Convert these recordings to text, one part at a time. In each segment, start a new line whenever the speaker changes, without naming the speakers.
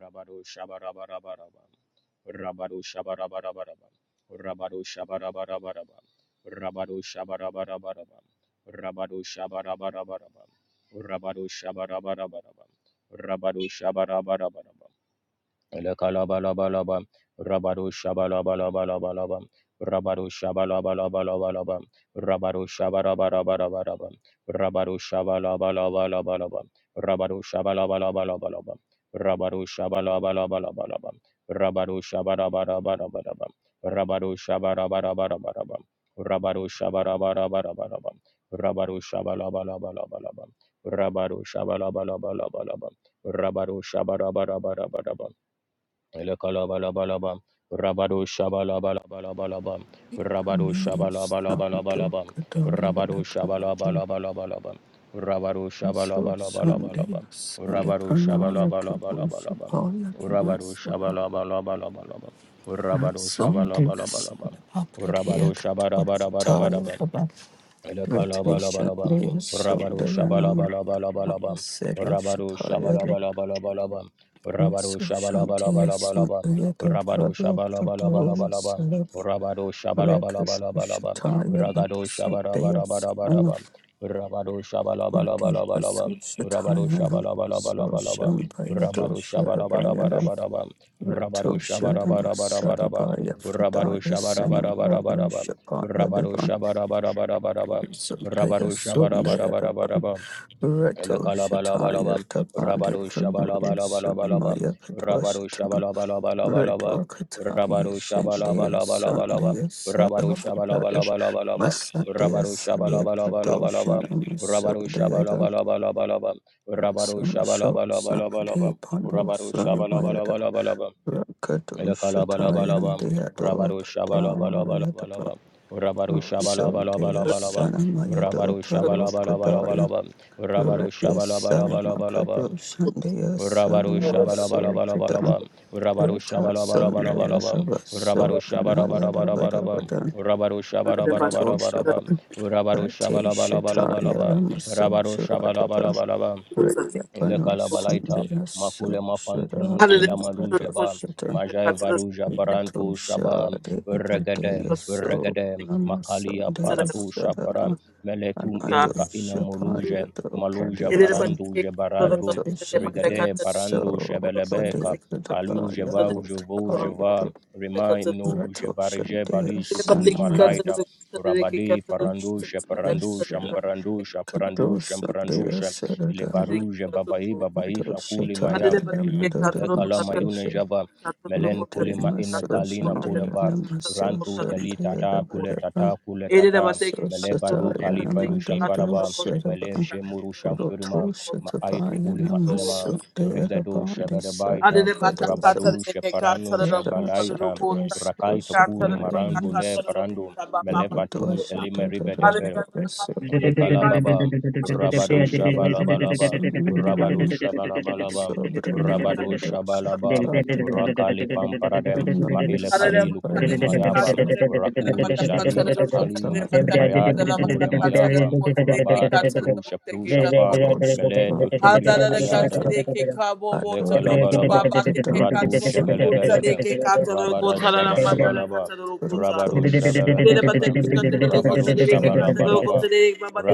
Rabado Shabarabarabaraban. Rabado Shabarabarabarabam. Rabado Shabarabarabarabam. Rabado Shabarabarabarabam. Rabado Shabarabarabarabam. Rabado Shabarabarabarabam. Rabado Shabarabarabarabam. Elekalabalabalabalaba, Rabado Shabalabalabalaba, Rabado Shabalabalabalaba, Rabado Shabarabarabaraba, Rabado Shabalabalabalaba, Rabado Shabalabalabalaba, Rabado Shabalabalabalaba, Rabado Shabarabarabaraba, Rabado Shabarabarabaraba, Rabado Shabarabarabaraba, Rabado Shabalabalabalaba, Rabado Shabalabalabalaba, Rabado Shabarabarabaraba, Elekalabalabam, Rabado Shabalabalabalabam, Rabado
Ipanien Sabato
Shabalabalabalabam,
Katoria
Rabado
Lepranaya
Shabalabalabalabam, Rabado
Miso Sunday
Shabalabalabalabam, Rabado Shabalabalabalabam, Rabado
Salepranaya Kabusu
Shabalabalabalabam,
Paya
Rabado
Kimasura Sunday
Shabalabalabalabam, Rabado
Salapapridea Katuataya
Shabarabarabarabam,
Rabba Retesha
Elekalabalabam,
Lea
Rabaru
Sunday Anamaranaya
Shabalabalabalabam,
Sedo
Rabaru
Shapaya
Shabalabalabalabam, Rabaru
Miso Shantia
Shabalabalabalabam,
Sunday
Rabaru
Dabrado Pradori
Shabalabalabalabam,
Salapa
Rabaru
Record
Shabalabalabalabam,
Shataya
Ragadu
Lepasunday
Shabarabarabarabam, Rabaru
Oti pasu
Shabalabalabalabam,
shataya
Rabaru
nama so
Shabalabalabalabam,
shambaya
Rabaru
doshara baya
Shabarabarabarabam, Rabaru
rito shara masari
Shabarabarabarabam,
baya
Rabaru
fridaya sanamaya
Shabarabarabarabam,
shapaya
Rabado
dava
Shabarabarabarabam,
sundaya
Rabado
sundaya dava
Shabarabarabarabam,
rito shataya
Elekalabalabalabam,
tapali
Rabado
fridaya
Shabalabalabalabam,
sanamaya kadva
Rabado
shatan rito
Shabalabalabalabam,
akataya
Rabado
shandaya
Shabalabalabalabam,
sundaya
Rabado Shabalabalabalabam, Rabado
sadabudaya
Shabalabalabalabam,
masandaya
Rabado
sadya pradoshana
Shabalabalabalabam, Rabado
masundaya some show some day
Shabalabalabalabam,
pando
Rabado
some mayada
Shabalabalabalabam,
rakato shataya and
Elekalabalabam,
deado
Rabaru
prada yadapa
Shabalabalabalabam, Rabaru
son dea
Shabalabalabalabam,
sana mayado
Rabaru
pralo pradaya
Shabalabalabalabam, Rabaru
Yes, son
Shabalabalabalabam,
makado shandaya
Rabaru Shabalabalabalabam, Rabaru
son maso prada
Shabalabalabalabam, Rabaru
Rata son dea
Shabarabarabarabam,
saba so
Rabaru
pranaya dabada
Shabarabarabarabam,
badan
Rabaru
Rato shapan Rate shataya
Shabalabalabalabam,
ramaso
Rabaru
shamadeva
Shabalabalabalabam, ile
Rekiapano
kalabalaita
Sundaya
makule
So
mafantum
Shada
Hallelujah.
ila
Libado
malujaba
Shata
majae varuja
Yato
barantu shaba
Shade
regade
Pradeya So
regade
Nama
makalia
Sundaya
paratu shapara
Sadaba
meletum
Amato
ilika ina muluje
Shapaya
maluja
Padiapa
farandu jebaratu
Rato
regade
Shande
parandu
So
shebelebeka
Padea
kaliu
Dabaya
jeva
Lot
ujevu
Paya
jeva
Do
rimai nuru
Rato
jevarije
Shande
bali shukuli
Sanamaya
malaita rabadi parandu
Shande
sheparandu
Sira
shamparandu shaparandu
Kando
shamparandu
Sundaya
Levaruja babai babai shakuli maya
Doshitaya
Adede batte ke
Damadada
le
katoro do
kala
katoro
mayune
Masosha
jaba
ke katoro do
melen
kotoro
kuli
Rudari
ma
ke
ine
katoro do
kalina
kotoro
kule
de
Masoshandaya
ba
batte
rantu
katoro
keli
do
Namasoshandaya
kotoro
tata
de batte ke kotoro.
kule
Rabadaba
tata kule
Ede de
tata
batte ke
mele
katoro do
vadu
Soshataya
kotoro
kali
de
faru
ke
Namadodo
katoro do
shafaraba
kotoro de
Shadaba
melen
batte
shemuru
katoro do katoro de
Roto
shamfirma ma
kotoro de
aitu
Shatabaya
kuli
ke
ma
katoro
ilema
do.
Namasundaya
rigadu
Rabadi Sadi
shaberebaita
Adede batte
Gadosan
katoro
rabadu
de ke
sheparanu
katoro do
Rada
kotoro do
shebalaita
kotoro
Shandaya
rakaita
ke katoro
kuli
de
Soshapaya
batte
marambule
katoro
Namasundaya
do
parandu
kotoro ba ba ba
melefatum
kotoro.
elime
Doshitaya
Adede
ribedebe
batte
Rabadi
katoro de ke
Thank
katoro
Elekalababa, Rabado
Soshandaya
Shabalabalaba, Rabado
Namasundanam
Shabalabalaba,
Sobranaya
Rabado Shabalaba,
doshakatabhrata
Rakali Pamparade,
sangam
Maile
Hallelujah.
Kali Lukuli Mayaba,
sarvaranamasra
Rakuli
bruto
Shali Takalina,
shataya
Mayatu Kule
devadavadava
Mayaba, Rabata Prusha Prusha Pa, Meleto
toshakaya
Turia Ayada,
shata pato
Lekalabalaba,
pritmasradaya
Ratu
samanda
Shebelebelebe, Rabada
shataya desha
Shabalabalaba,
bruto
Rabadu Shebelebelebe,
shataya
Rabadu
shataya
you.
Shabalabalaba,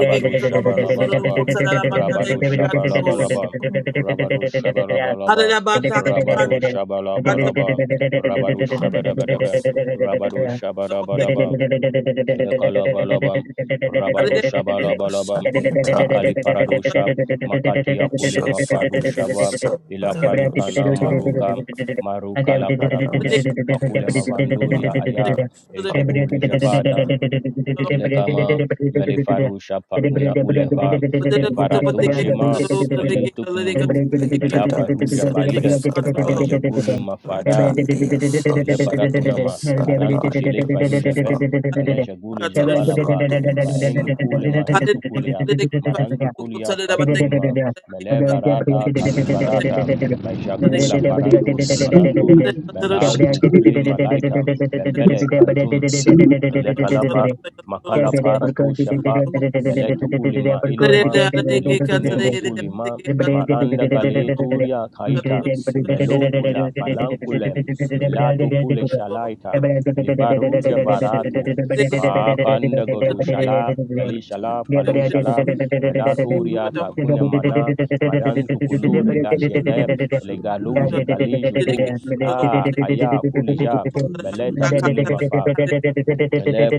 Yes.
desha
Shabalabalaba, Rabadu Shabalabalaba, Rabadu Shabalabalaba,
Thank
Rabadu Shabalabalaba, Rabadu Shabadabadaba, Rabadu Shabadabadaba, Elekalabalabam, Rabadu
Hallelujah.
Shabalabalabam,
Devasadeya
Rakali
Tali
Paradusha, Makati Yakuli
Show
Mafadu
Sunday,
Shaba, Ila
Sabayado
Farukana
Shataya,
Maruka, Maruka La
Redo
Parakule,
Sunday,
Makule Mavanduria Aya,
Sanamayado Shataya,
Ejeguli Javada, Elekama, Melifarusha Pauna Uleva, Levaratu Shema,
Sanamas,
Everybody,
Kalitukmulu,
Libredaya
Melafaruja
Sunday,
Baile,
Salabaya,
Malija Guli Mafada,
Retandia, So
ele fara
Sunday,
kuna ma aranto
Salabaya,
shele faru jave
Dosafa,
mele jaguli
Ado
javala va
Sunday,
ma enu kule
Sanamayada,
maritu kulia marantu kulia fakuli ma mele varata kali varata ma jagula
Sanamayado
parandu
Shataya,
shamparandu
Sanamayado
melantu
Shataya,
kuli malaita bembele fantum
Sanamayado Shataya, Sanamayado
ile kalaba makala para tu shapa meleto kulima ile ma meliku nemu kulima
Thank
maranda galeturia kaita
Shataya,
melukula falankule
Sanitation
melatu kule shalaita livaruja varatu makanda godu
Sargutata
shala kali shala
Pratyapa
falu shala melaturia
Sundasanamaya
takune mana madantu kuluri dashege
Doshapayanam
you. Thank
Sundaya
legaluje galijugu ah
Thank
Sustanya
aya kulija meleta
Doshunde
kulima fa ele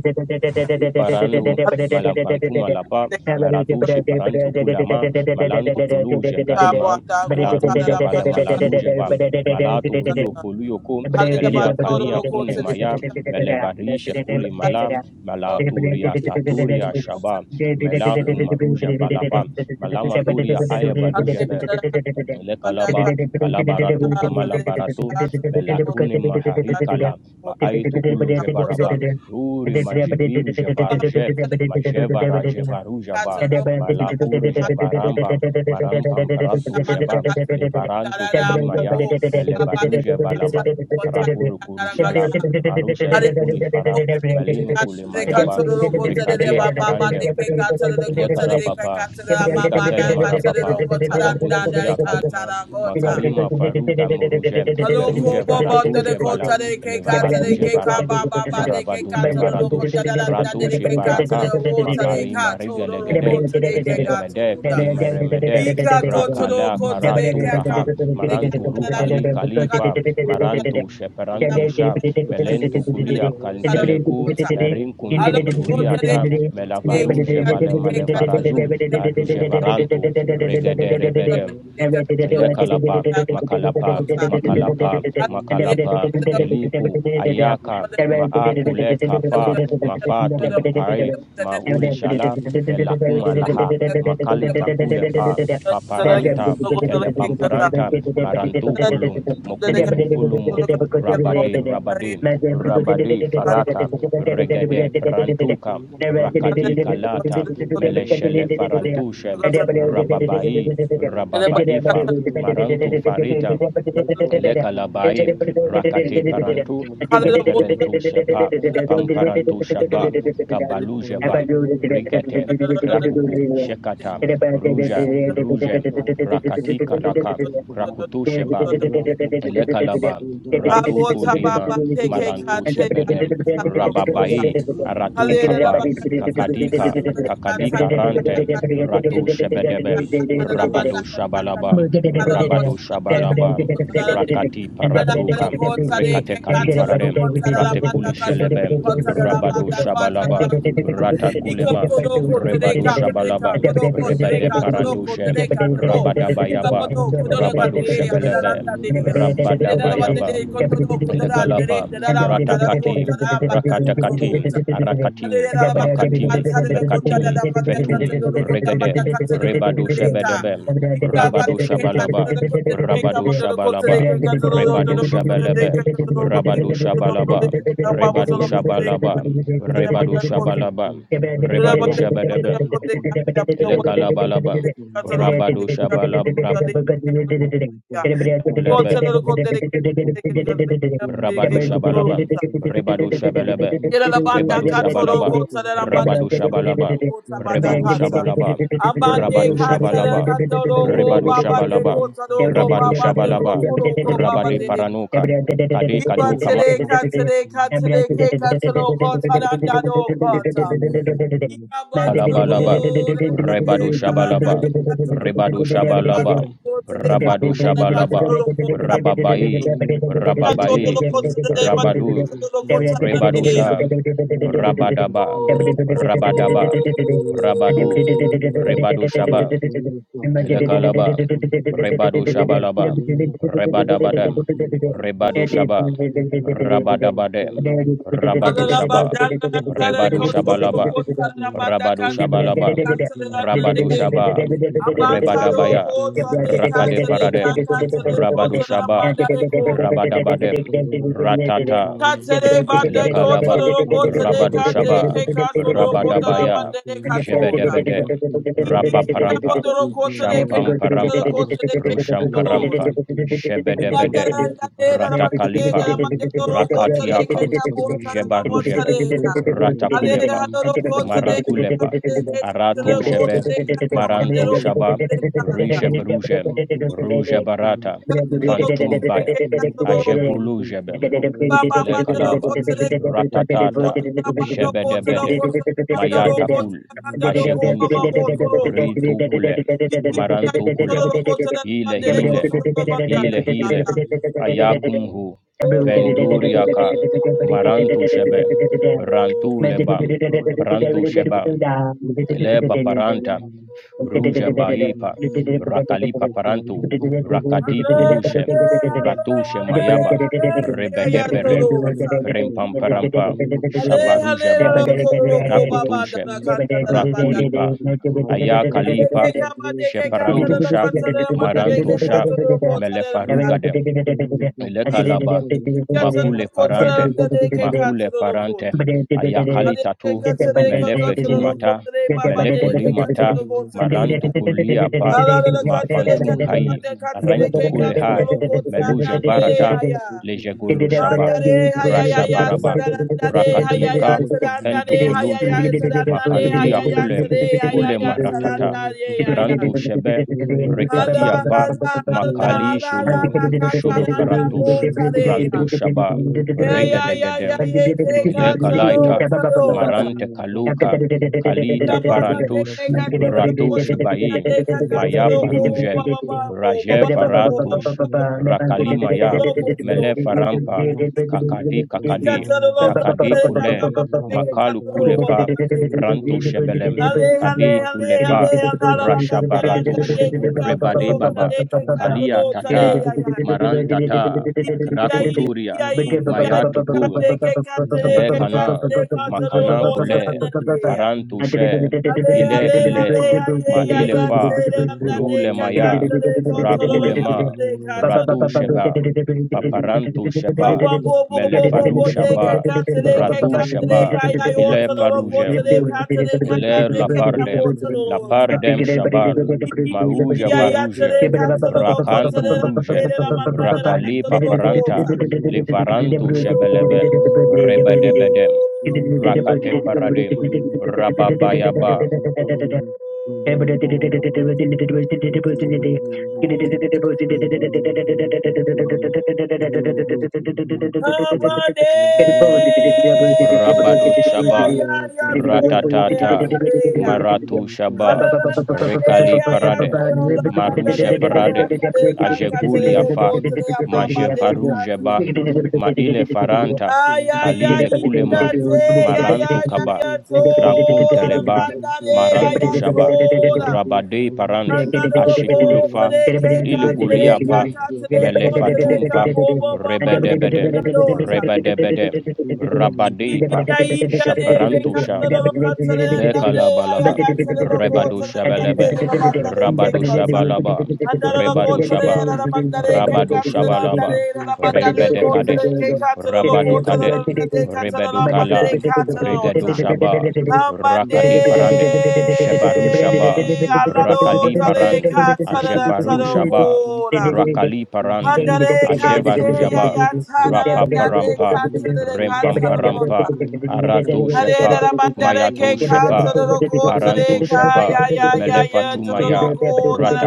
you.
Dishana
Paranwo
Hallelujah.
malapantu malapa maratushe parantu kulama malantu kuluja galima
Sutande
malaruja vala
Sanam
malaruja va malato
you.
uruyo foluyo ko
Thank
melia kalia kune maya
Doshatana
melevarisha kuli mala malaturia taturia
Sutishitosha
shaba mela kumaruja balapa malama
Sarati
turia aya baruja be
Sadishitana
le kalaba kalabaratu kamalabaratu melakune mahari kala maaitu ulu jevaraba ruri majeviru
Hare
jevarje majevara
you.
jevaru java
Debre
malakuru jevaramba marampamperantu
Sanam
sheba levarantu
Sanam
kulimaya melevaru jevalaba karakuru kurushala
Tosha
marusha lukuli fara malinu
Shanti,
kulimayaba
Santo,
rekadia parande eleka rapapa rika telema rapapa marankunturia kalima
Thank
makalima faruga muruje
Hello,
meruje
ko ba ba da de
varaduje
ko
bala
ta de ke ka ta de
Levaraduje
ke ka ba
Varaduj,
ba ba de ke ka
Maravaduje
ta de lo ko
Varaduj,
ta da da na de de
Ratushi
ke ka ta de
Parakam,
wo ta de
Makali
ka to
Mariga
do ro
Thank
ko
Legedem,
ta de ke ka
Regalemede,
da.
Kalima Remedem,
Ika ko do
Rakala
ko de
Karatu
ke
Raham,
de ka
Maranturu
da da
Kali Khalifa,
you.
Marantu
Thank
Sheperantu Sham, Melentu Kulia Kanteleku, Rinkuntum Turiata, Melavaruje Vale Malevaraju, Aruje Varantu, Regede Rebedem
you gonna be
lekalapa makalapa makalapa
Thank
makalapa eliku ayaka maakule kafa mafatum pare maulishala melakumalaha makalitakule pa paparanta kelepamparanta
you.
marantukulum
Thank
mokulumufulumu rabadi rabadi rabadi farata regede prantuka rakati kalata meleshele farantushe rababai
Thank you.
rababaifa
Thank you.
marantu farita
you.
lekalabai rakati parantu pemperentushe pa pamparantushe ba kabaluje ba rikete krakuku shekata ruja ruje rakati karaka
you.
krakutushe
Thank
ba Elekalaba, Ratuku
Habota
Lima,
baba teke
Marantu
kate
Shebedem,
ayatara lokota.
Rababai, Aratu
Hallelujah.
Kapa, Kakadika, Kakadika Rante, Ratu Shebedebem,
you
Rabado Shabalaba,
Thank
Rabado Shabalaba, Rakati Paratuka, Rekate Kalipararem, Ratekuli Shelebem, Rabado Shabalaba, Ratakulema, Rebado Shabalaba, Rebade Parandushem, Rabadabayaba, Rabado Shebelebem, Rabadabayaba, Elekalapa, Ratakati, Rakatakatim, Arakatim,
Hallelujah.
Makatim, Mekatim, Fetum, regadem,
you. Thank
rebado
and
Shebedebem,
Gabriel
rabado Shabalaba, rabado Shabalaba, rebado Shabalebem, rabado Shabalaba, rebado Shabalaba, rebado Shabalaba, Rebadu Shebedebem, Elekalabalaba, rabado Shabalaba, Rabelebe, Rabado Shabalabam, Rebadu Shabalabam,
Yerabanda
Rebadu
katoro
Shabalabam,
kota ramande
Rabado
katoro
Shabalabam,
kota
Every
bada
Rebadu
kata.
Shabalabam,
you.
Ambande
Rabado
katoro
Shabalabam,
kandoro
Thank
ko
Rebadu
baba de
Shabalabam,
kota ko
Rabado
baba de
Shabalabam,
kotoro ko baba
Rabade
de deka.
Paranuka, Kade
Iba
Kadu Kama.
tere katere katere ke katoro kota randa do kota. Ika
Alabalaba,
bantoro
Rebadu
rebate karanda
Shabalaba,
de katoro
Rebadu
kota rebada
Shabalaba,
kota de
Rabadu
kabada
Thank
de
Shabalaba,
katoro kota.
Rababai,
Ika toro
Rababai,
kota rebada
Rabadu,
kotoro kota randa.
Rebadusha, Rabadaba,
Hallelujah.
Rabadaba, Rabadu,
you.
Rebadu
Thank
Shaba, Elekalaba, Rebadu Shabalaba, Rebadabadem, Rebadu Shabam, Rabadabadem, Rabadu Shabam, Rebadu Shabalaba,
you.
Rabadu
Thank
Shabalaba, Rabadu Shaba, Rebadabaya, Rakade Paradem, Rabadu Shaba, Rabadabadem, Ratata, Elekalaba, Rabadu Shaba, Rabadabaya,
you. Thank
Jebedebedem, Rapa Parampa, Shampam Parampa, Rusham Parampa, Shebedebede,
you. Thank
Ratakalipa, Rakatiaka, Jebarujebe, Ratakulepa, Marakulepa, Arato Shebe, Maranto Shaba, Rishebruje, Rujebarata, Fantumbaya, Ajegulu
Baba
Jebe, Ele kalaba ratatata
you.
shebedebede
Thank
mayatakul ajeguntu ritukulem
you.
marantukulem hile
Thank
hile hile hile
you
ayakumhu
and
venduriaka marantu shebe rantu lebam prantu shebam le paparanta ruja baipa
Hallelujah.
rakalipa parantu rakadi kulushe ratushe mayaba rebedepere prempamparampa shabarujaba krakutushe rakulipa ayakalipa sheparantusha
you.
Thank
Thank
marantusha melefarugade ile kalaba makule parante makule parante ayakali tatu melefe tu mata melekuli mata marantu kulia pa
Hallelujah. Kataleka,
mafantum hai rentu
Kataleka,
kule hai
Katalokota,
meluje varata
you.
Nandeya,
lejegulu
Thank
shaba
Handare, Hayaya,
rashabaraba
Sarandade, Hayaya,
rakatika kentu
Sarandade,
kuluntu
Hayaya, Sarandade,
makantia
Hayaya,
kule
Sare,
kule
Hayaya,
maratata
Sarandade, Hayaya.
brantu
you.
shebe
Thank
rekatia
Hala,
pa
hala, hala,
makali
hala,
shulu
hala,
Shulu
Kataranda,
Farantush,
Gotareya.
Rantushaba,
Yeah, yeah, yeah,
Rigadagade,
yeah, yeah,
eleka laita
Katarota,
marante kaluka
deke deke deke
kalita
deke
parantush
deke. ka
ratush bayi maya
ko,
faruje
ba ba
you.
ba wo, ba
raje
Thank
ba ba wo ba ba
faratush
ba wo ba ba
rakalima
wo
ya
toro kotoro
mele farampa kakadi kakadi
ikatero
kakadi
katero kaka
kule
ba ba deke
makalu
katero
kule
wa ba
pa
ba de
prantu shebelem
Hale hale
kadi
hale
kule
hale
pa
ala la
you.
katero
Thank
ka
rashabaratush
deke katero
rebade
ta
baba
deke
kalia
katero tare
tata
ya ya.
marantata
ya
krakuturia
ya ya
mayatuku Le kana, makana kule,
Hallelujah.
faran tushe,
Hale
ile
hale
ile,
hale hale
ma
ya
ile
ya
fa,
tere
you.
amna
rule
de ka
maya,
Thank
ko toro
rakule
lo ka
ma,
tere ka
ratu sheba, paparantu
Bam
sheba,
bam bo bo bo bo
melefaru
bo de ka
shaba,
ka tere
ratu sheba,
ya ya yo
ile
toro lo ko
faruje,
tere ka tere ka ka
Leur
de
la
ka ka
pardem,
bo toro
la
lo ta.
pardem
Thank
shabal,
Iki iki
mahuja
ya ya
varujem,
tere ka toro lo ko
rakantu
tere ram dere
rujem,
re ram amna de ka
rakali
toro lo ko
paparanta,
ta.
levarantu shebelebem, rebedebedem, rakate paradim, rababayaba,
you. Thank
Habane
Rabadu
ya
Shaba,
ya ya toro le ya
Ratatata,
tere ya.
Maratu Shaba,
you.
Rekali
Thank
Paradem, Marusha Paradem, Ajeguli Afa, Majevarujeba, Maile Faranta, Kalile Kulema, Marantu Kaba, Krankunteleba, Marantu Shaba,
you.
Hallelujah.
Rabade Parant,
Thank
Ashikulufa, Iliguliyapa melefatumpa rebedebedem rebedebedem rabadipa
Hallelujah.
shabarantusha lekalabalaba
you.
rebadushabalabem
Thank
rabadushabalaba rebadushabam rabadushabalaba rebedekadem Rabadukadem,
you. Thank
Rebedukala, Regadu Shaba, Rakadi Parandem, Shebaru Shaba, Rakali Parand, Ajevaru Shaba, Rakali Parand,
Handere kate
Ajevaru
ya
Shaba,
ya tana nande
Rapaparampa,
kate de kate rota.
Rempamparampa, Aratu Shepa,
Hallelujah,
you.
mandare ke
Mayatu
Thank
ka
Shepa,
tere no ko tere
Barantu
ka
Shepa,
ya ya
you.
ya ya
Thank
Melefatu
tere
you.
no
Maya,
ko tere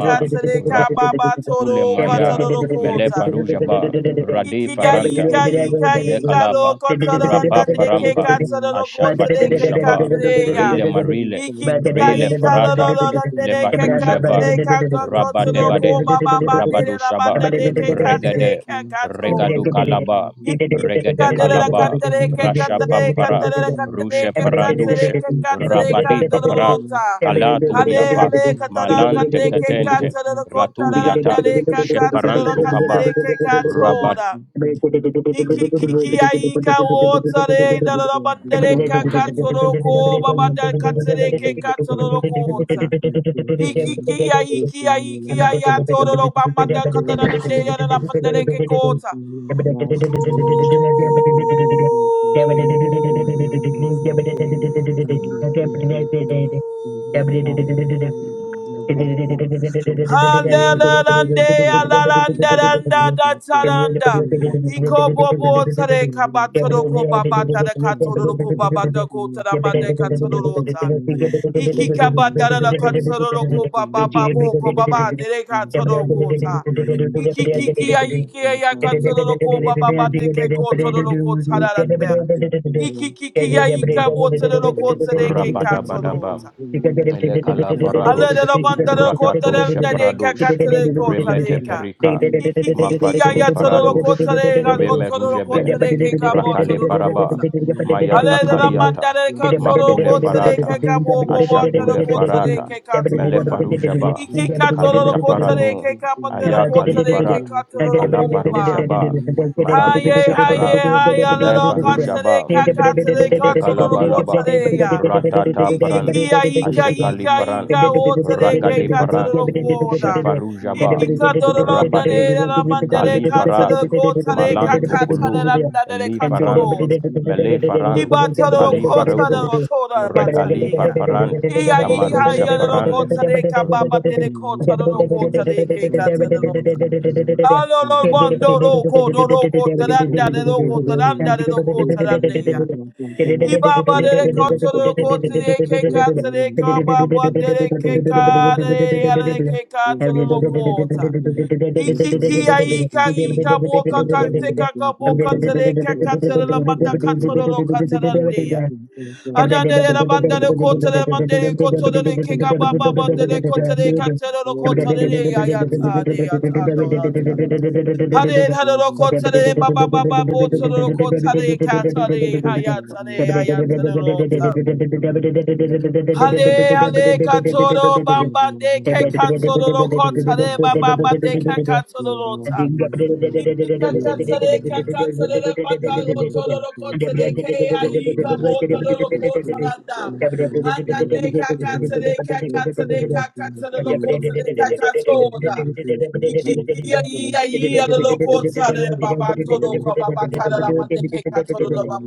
ka tere ka baba toro ko
Rakulemaya,
tere no ko ta.
Melefaru Shaba, Rade
Iki ya
Faranta,
ika ika
Ele
ika lo
kalapa,
ko tere
rapa
nande ke
parampa,
ka tere no ko tere
ashafatum
ke ka
shaba,
tere ya.
rile marile,
Iki iki ya
rile
ika lo lo
farata,
lo nande ke
levadu
ka
jaba,
tere ka ko ko tere
rabadebade,
ko baba
rabadu
mandere na
shaba,
mandare ke ka tere
regade,
ka ka
regadu kalaba,
Hale
regade kalaba, rasha pampara,
you.
rushe parandushe,
Thank
rabadi papara,
Thank
kalaturiapa,
hale katara
malante
kande ke
ketente,
katsuru kotara
raturiata,
randare ka katsuru
sheparantu kaba,
kandare ke
rabad,
katsura. Iki kiki aika otsare dara bandare ka katsuru ko babada katsure ke katsuru kotsa. Iki ki aiki aiki
Thank
ayatoro bambanda katara nande yara mandare ke kotsa.
you. Thank
you. Thank
Hallelujah. Iko bobo tare kabatoro ko babata de katoro ko babata ko tara made katoro ta. Iki kaba darara katsaroro ko baba babo ko baba dere katsaro ko ta. Iki kiki ya iki ya ya
Thank
katsaroro ko baba baba deke ko tsaroro ko tsararanda. Iki kiki ya ika bo tsaroro ko
you.
tsareke
Thank
katsaro
rabadabadaba.
ta.
Lekala
Ale
paradosh,
dero bandaro ko tarel
ratatosha
dere ka
paradosh,
katsare ko
remete
tsareka.
perika,
Iki kiki ya
mafatum
ya tsaroro ko
paradosh,
tsareka ko tsaroro ko
remerujebe,
tsareke ka bo
rakale
tsaroro ko ta.
paraba, mayata
Adede da
kaliata,
mandare katoro
makule
kotere
farata,
keka bo bo watero
ashakule
kotere
farata,
keka tora.
melefarujaba,
Iki katoro
kalita
you.
kotere
paranu,
keka patero
Thank
aya
kotere
kalifarat,
keka toro koba.
kalaparujaba, marantu
Haye haye
shaparam,
haye alero kotere
ilefarujaba,
keka tere katoro
you.
Elekalabalaba,
Thank
kotere ya.
Ratata
Iki
Paran,
kia ika
you.
Ashekali
ika
Paran,
Thank
ika otere
Rakadi
keka
Paran,
toro koda.
Shefarujaba,
Iki katoro nare
Rabadi,
da mandare
Kali Farad,
katere kotere
Malantu
kaka
Kulun,
tere nare
Eli Farand,
katoro.
Mele Farand, Kali Farutush, Rekali
Ibatarokotararotorabatarea.
Parparand,
Ia iha
Kamarusha Parand,
iarorokotareka babaderekotarorokotarekekatarorota. Alolobondorokodorokotarandarerokotarandarerokotaranea.
you. Thank
you.
Ibabaderekotorokotrekekatareka babaderekekarerearerekekatororokota. Ikikia aika ika boka kateka boka tere kakatera la bata katoro lo katara ndeya.
Every Thank
Ananere la bandere kotere mandere kotere le keka baba bandere kotere katero lo kotere le ya ya ta de ya ta do la ta. Hare hare lo kotere baba baba botoro lo kotere
you.
katare
Thank
ya
you.
ya ta de ya ya ta de lo ta. Hale hale katoro bamba de ke katoro lo kotere baba baba de ke katoro lo ta. Baba
Escape from the sun of the world,
and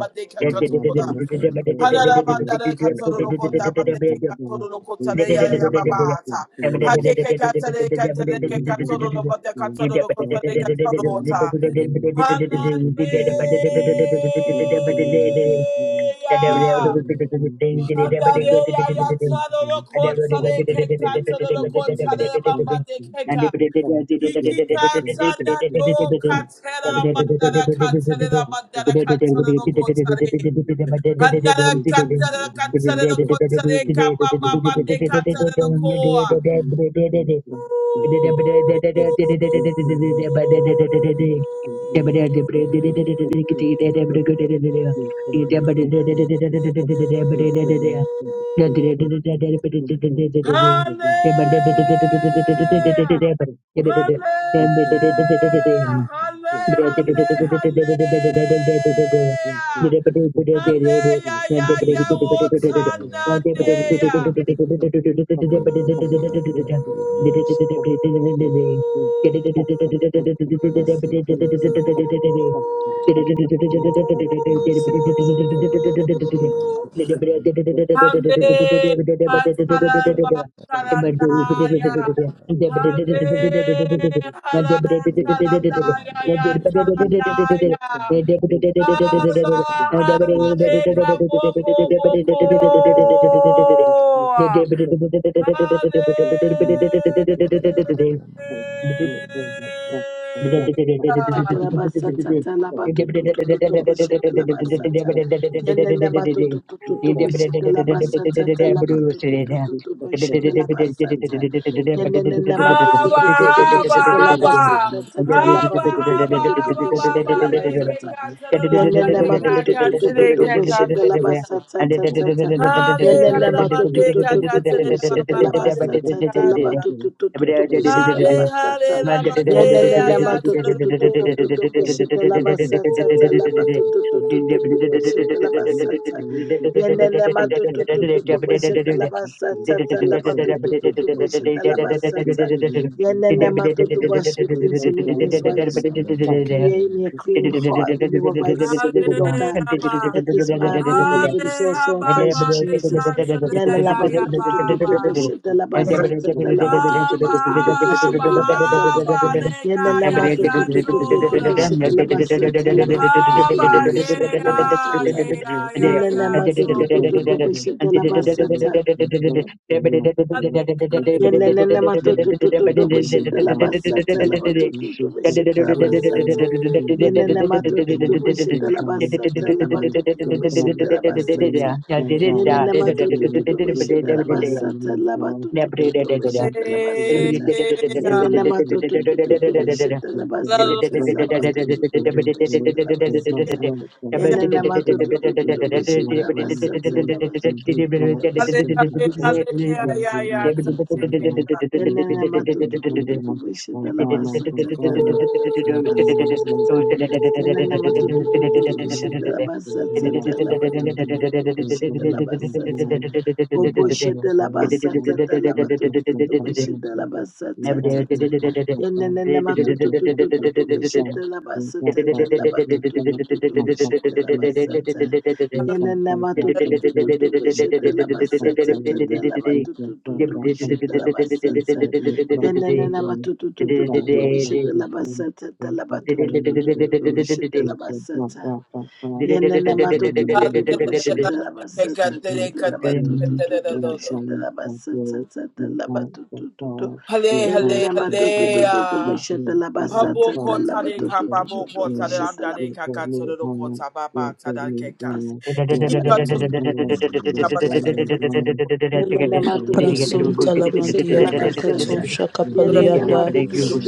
Baba
Thank
reason, reason,
Hanarabandare ya bateke katororokotare
Thank
ata.
you.
Hakeke katare katare ke
Thank
katoro rokota katoro rokota re katoro ata. katororo bate ya ya Hananeya. Hananeya
you and every
yatororokotare ke katororokotare de keka. Hikika tsana do katera mandara katera mandara katera Another cutter, cutter, the cutter, they come, ba, ba, they cutter, the core.
you. Thank
Thank
Hallelujah! Hallelujah! Hallelujah! Hallelujah! Hallelujah! Hallelujah!
the
What's
body and the purity
happening?
and the
you.
remorse.
Thank
Masika is on the way.
you. Thank
Masika is on the way.
Hale
Laser,
hataramba
laser, and the
tarandaya. Hale halara tarandaya ya
purity and the remorse.
tarandaya. Hala
Masika is on the way. Masika is on the
hala
way.
heka boko boko.
you.
Hale.
Thank
Yenene
Haba haba haba haba haba haba baba deke kataranda deka katire katire hale hare bande
you.
katire
Thank
baba bande kata
and
hale hare la
Thank
bande
Yelelelema tu tu
ayatara
tu tu tu
ko
tu tu bishete la basa tsa tsa la ba tu, tu tu tu tu tu bishete la basa tsa. Yelelelema tu tu tu, tu tu bishete la basa tsa tsa la ba tu tu tu tu bishete la basa tsa. Yelelelema tu tu, wash me cleanse me
So,
as white as snow.
London,
Create me a clean heart, renew a right spirit, O
Hale
God.
haba
Let this mind be in me, but
hale
it's also in
and
haba
Christ
bande
Jesus.
katire
Yana laba
you.
tu tu tu tu
Thank
tu
you.
ayaba
bishita laba sata laba tu tu
Abba,
tu tu tu
Abba,
bishita
Abba,
Yelele
Lekaya
matutu tutu tutu
London,
Yatsora.
bishita la
London,
basata la batu tu, tu, tu
Abba, yeah,
bishita la basata.
yeah, yeah,
Yelele matutu
Yatsora.
tutu tutu bishita la basata.
Hallelujah.
Yenenene matutututu bushete la basata la matututu bushete la basata. Yenene matututu bushete la
David
basata la matututu bushete la basata. Yenene matututu
Thank
bushete
you.
la basata la matututu bushete la basata. Yenene matututu bushete la
Hallelujah.
basata la matututu bushete la basata. Yenene matututu bushete la basata la matututu bushete la
Hallelujah. Hallelujah.
basata la
Yeah, yeah,
basata.
Yatsora.
Yenene matutututu bishita la basatata la batata la basatata. Yenene matutututu bishita la basatata la batutututu bishita la basata.
Thank
Oboshita la basatata la batutututu bishita la basatata. Yenene matutututu bishita la basatata la batutututu bishita la basata. Yenene matutututu bishita la basatata la batutututu bishita la basata. Yanana matutututututu bishete la basata tala
Thank
batutututututu bishete la basata. Yanana matututututu bishete la basata tala
you.
batutututu
Thank
bishete la basata tala batutututu.
Hale hale
Yanana
hale
matututututu
ah.
bishete la
Habo
basata tala
kota de ka
batutututu
babo kota de
bishete
anda
la
de ka ka todo do kota baba tada ke ka.
basata
Iki
tala
ka todo do
Thank you.
batutututu
kota ba te
la
ke ka
basata.
todo do kota.
Yelele matututututu
Rasun talamandia
bishitela
Iki
rekato
basatsa.
ka todo
Yelele
shakapalianda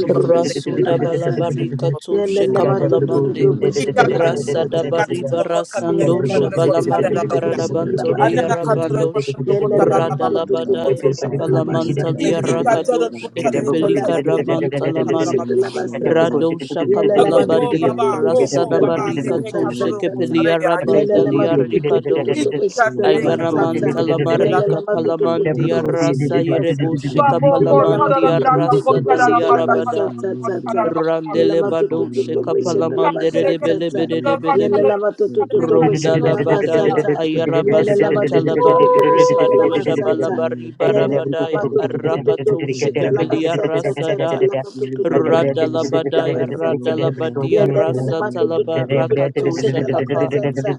do kota ba te ke ka
bishitela
rasunda
basatsa.
balabarika
todo
to
do
Yelele
kota.
matutututu
shakapalamande
Iki ka
bishitela
ka
basatsa
rasa
ka
dabari
todo
tsatsa.
do kota de ke
barasando
Yelele
ka todo do kota de la
shabalamari
matutututu
banda.
bishitela
karadabanto
Anda
basatsa
ka todo
you.
tsatsa.
do
diarabandosh
kota
Thank
do kota
Yelele
da
you.
da baba te ke
matutututu
Thank
kota
radalabadaya
do kota.
bishitela basatsa
apalamanta
tsatsa
Iki katara
tsatsa.
diarakadosh
kotara de
Yelele
katara
ekepelika
de katara de
matutututu
kotara la
ramantalaman
batte
bishitela
ke
basatsa.
kotoro.
rado
Yelele
Akoko
shakapalabadia
baba
matutututu
rasa
koko
bishitela
baba de
basatsa
dabarika
ke
to
tsatsa
katoro
tsatsa.
kotara
shekepelia
ya ya.
Yelele
ramandalia
matutu tu tu tu
rekadosh
tu
Iki
bishete la
katara ke
basata.
Ayaramanta
katoro kotara la de
Yelele
lamarika
ke
matutu tu tu
katoro
tu
palamandia
kotara.
bishete
rasa
la basata.
yerebushika
Babo
Yelele
kotara la
palamandia
matutu
da
tu
da
tu tu
rasa
kotara la
bishete
dalia
la
manda
rabada.
katoro
basata ta ta.
kotara la baka.
Yelele
Randele
matutu
bado
tu tu
shika
bishete la
palamandere
Katara
de
ke
basata
bele
ta.
bele de
katoro
bele be.
kotara
Yelele
la
matutu
kotara
tu
de
tu bishete
Rondala
katoro
la
kotara.
Badaya,
basata.
Ayaraba
Yelele matutu tu
Santalaba,
tu
you.
tu bishete la
Thank
Rekadosha
basata.
Balabari
Yelele
Barabadaya,
matutu tu tu tu
Arakato
bishete la
you.
Shekepelia
basata ta ta
Rasada,
la
Thank
matutu tu tu tu bishete la
Radalabadaya,
basata.
Radalabadia
you.
Yelele
Rasa Talaba,
and
matututututu,
then but that-
Rakato
beshete la
Shakapa,
basata.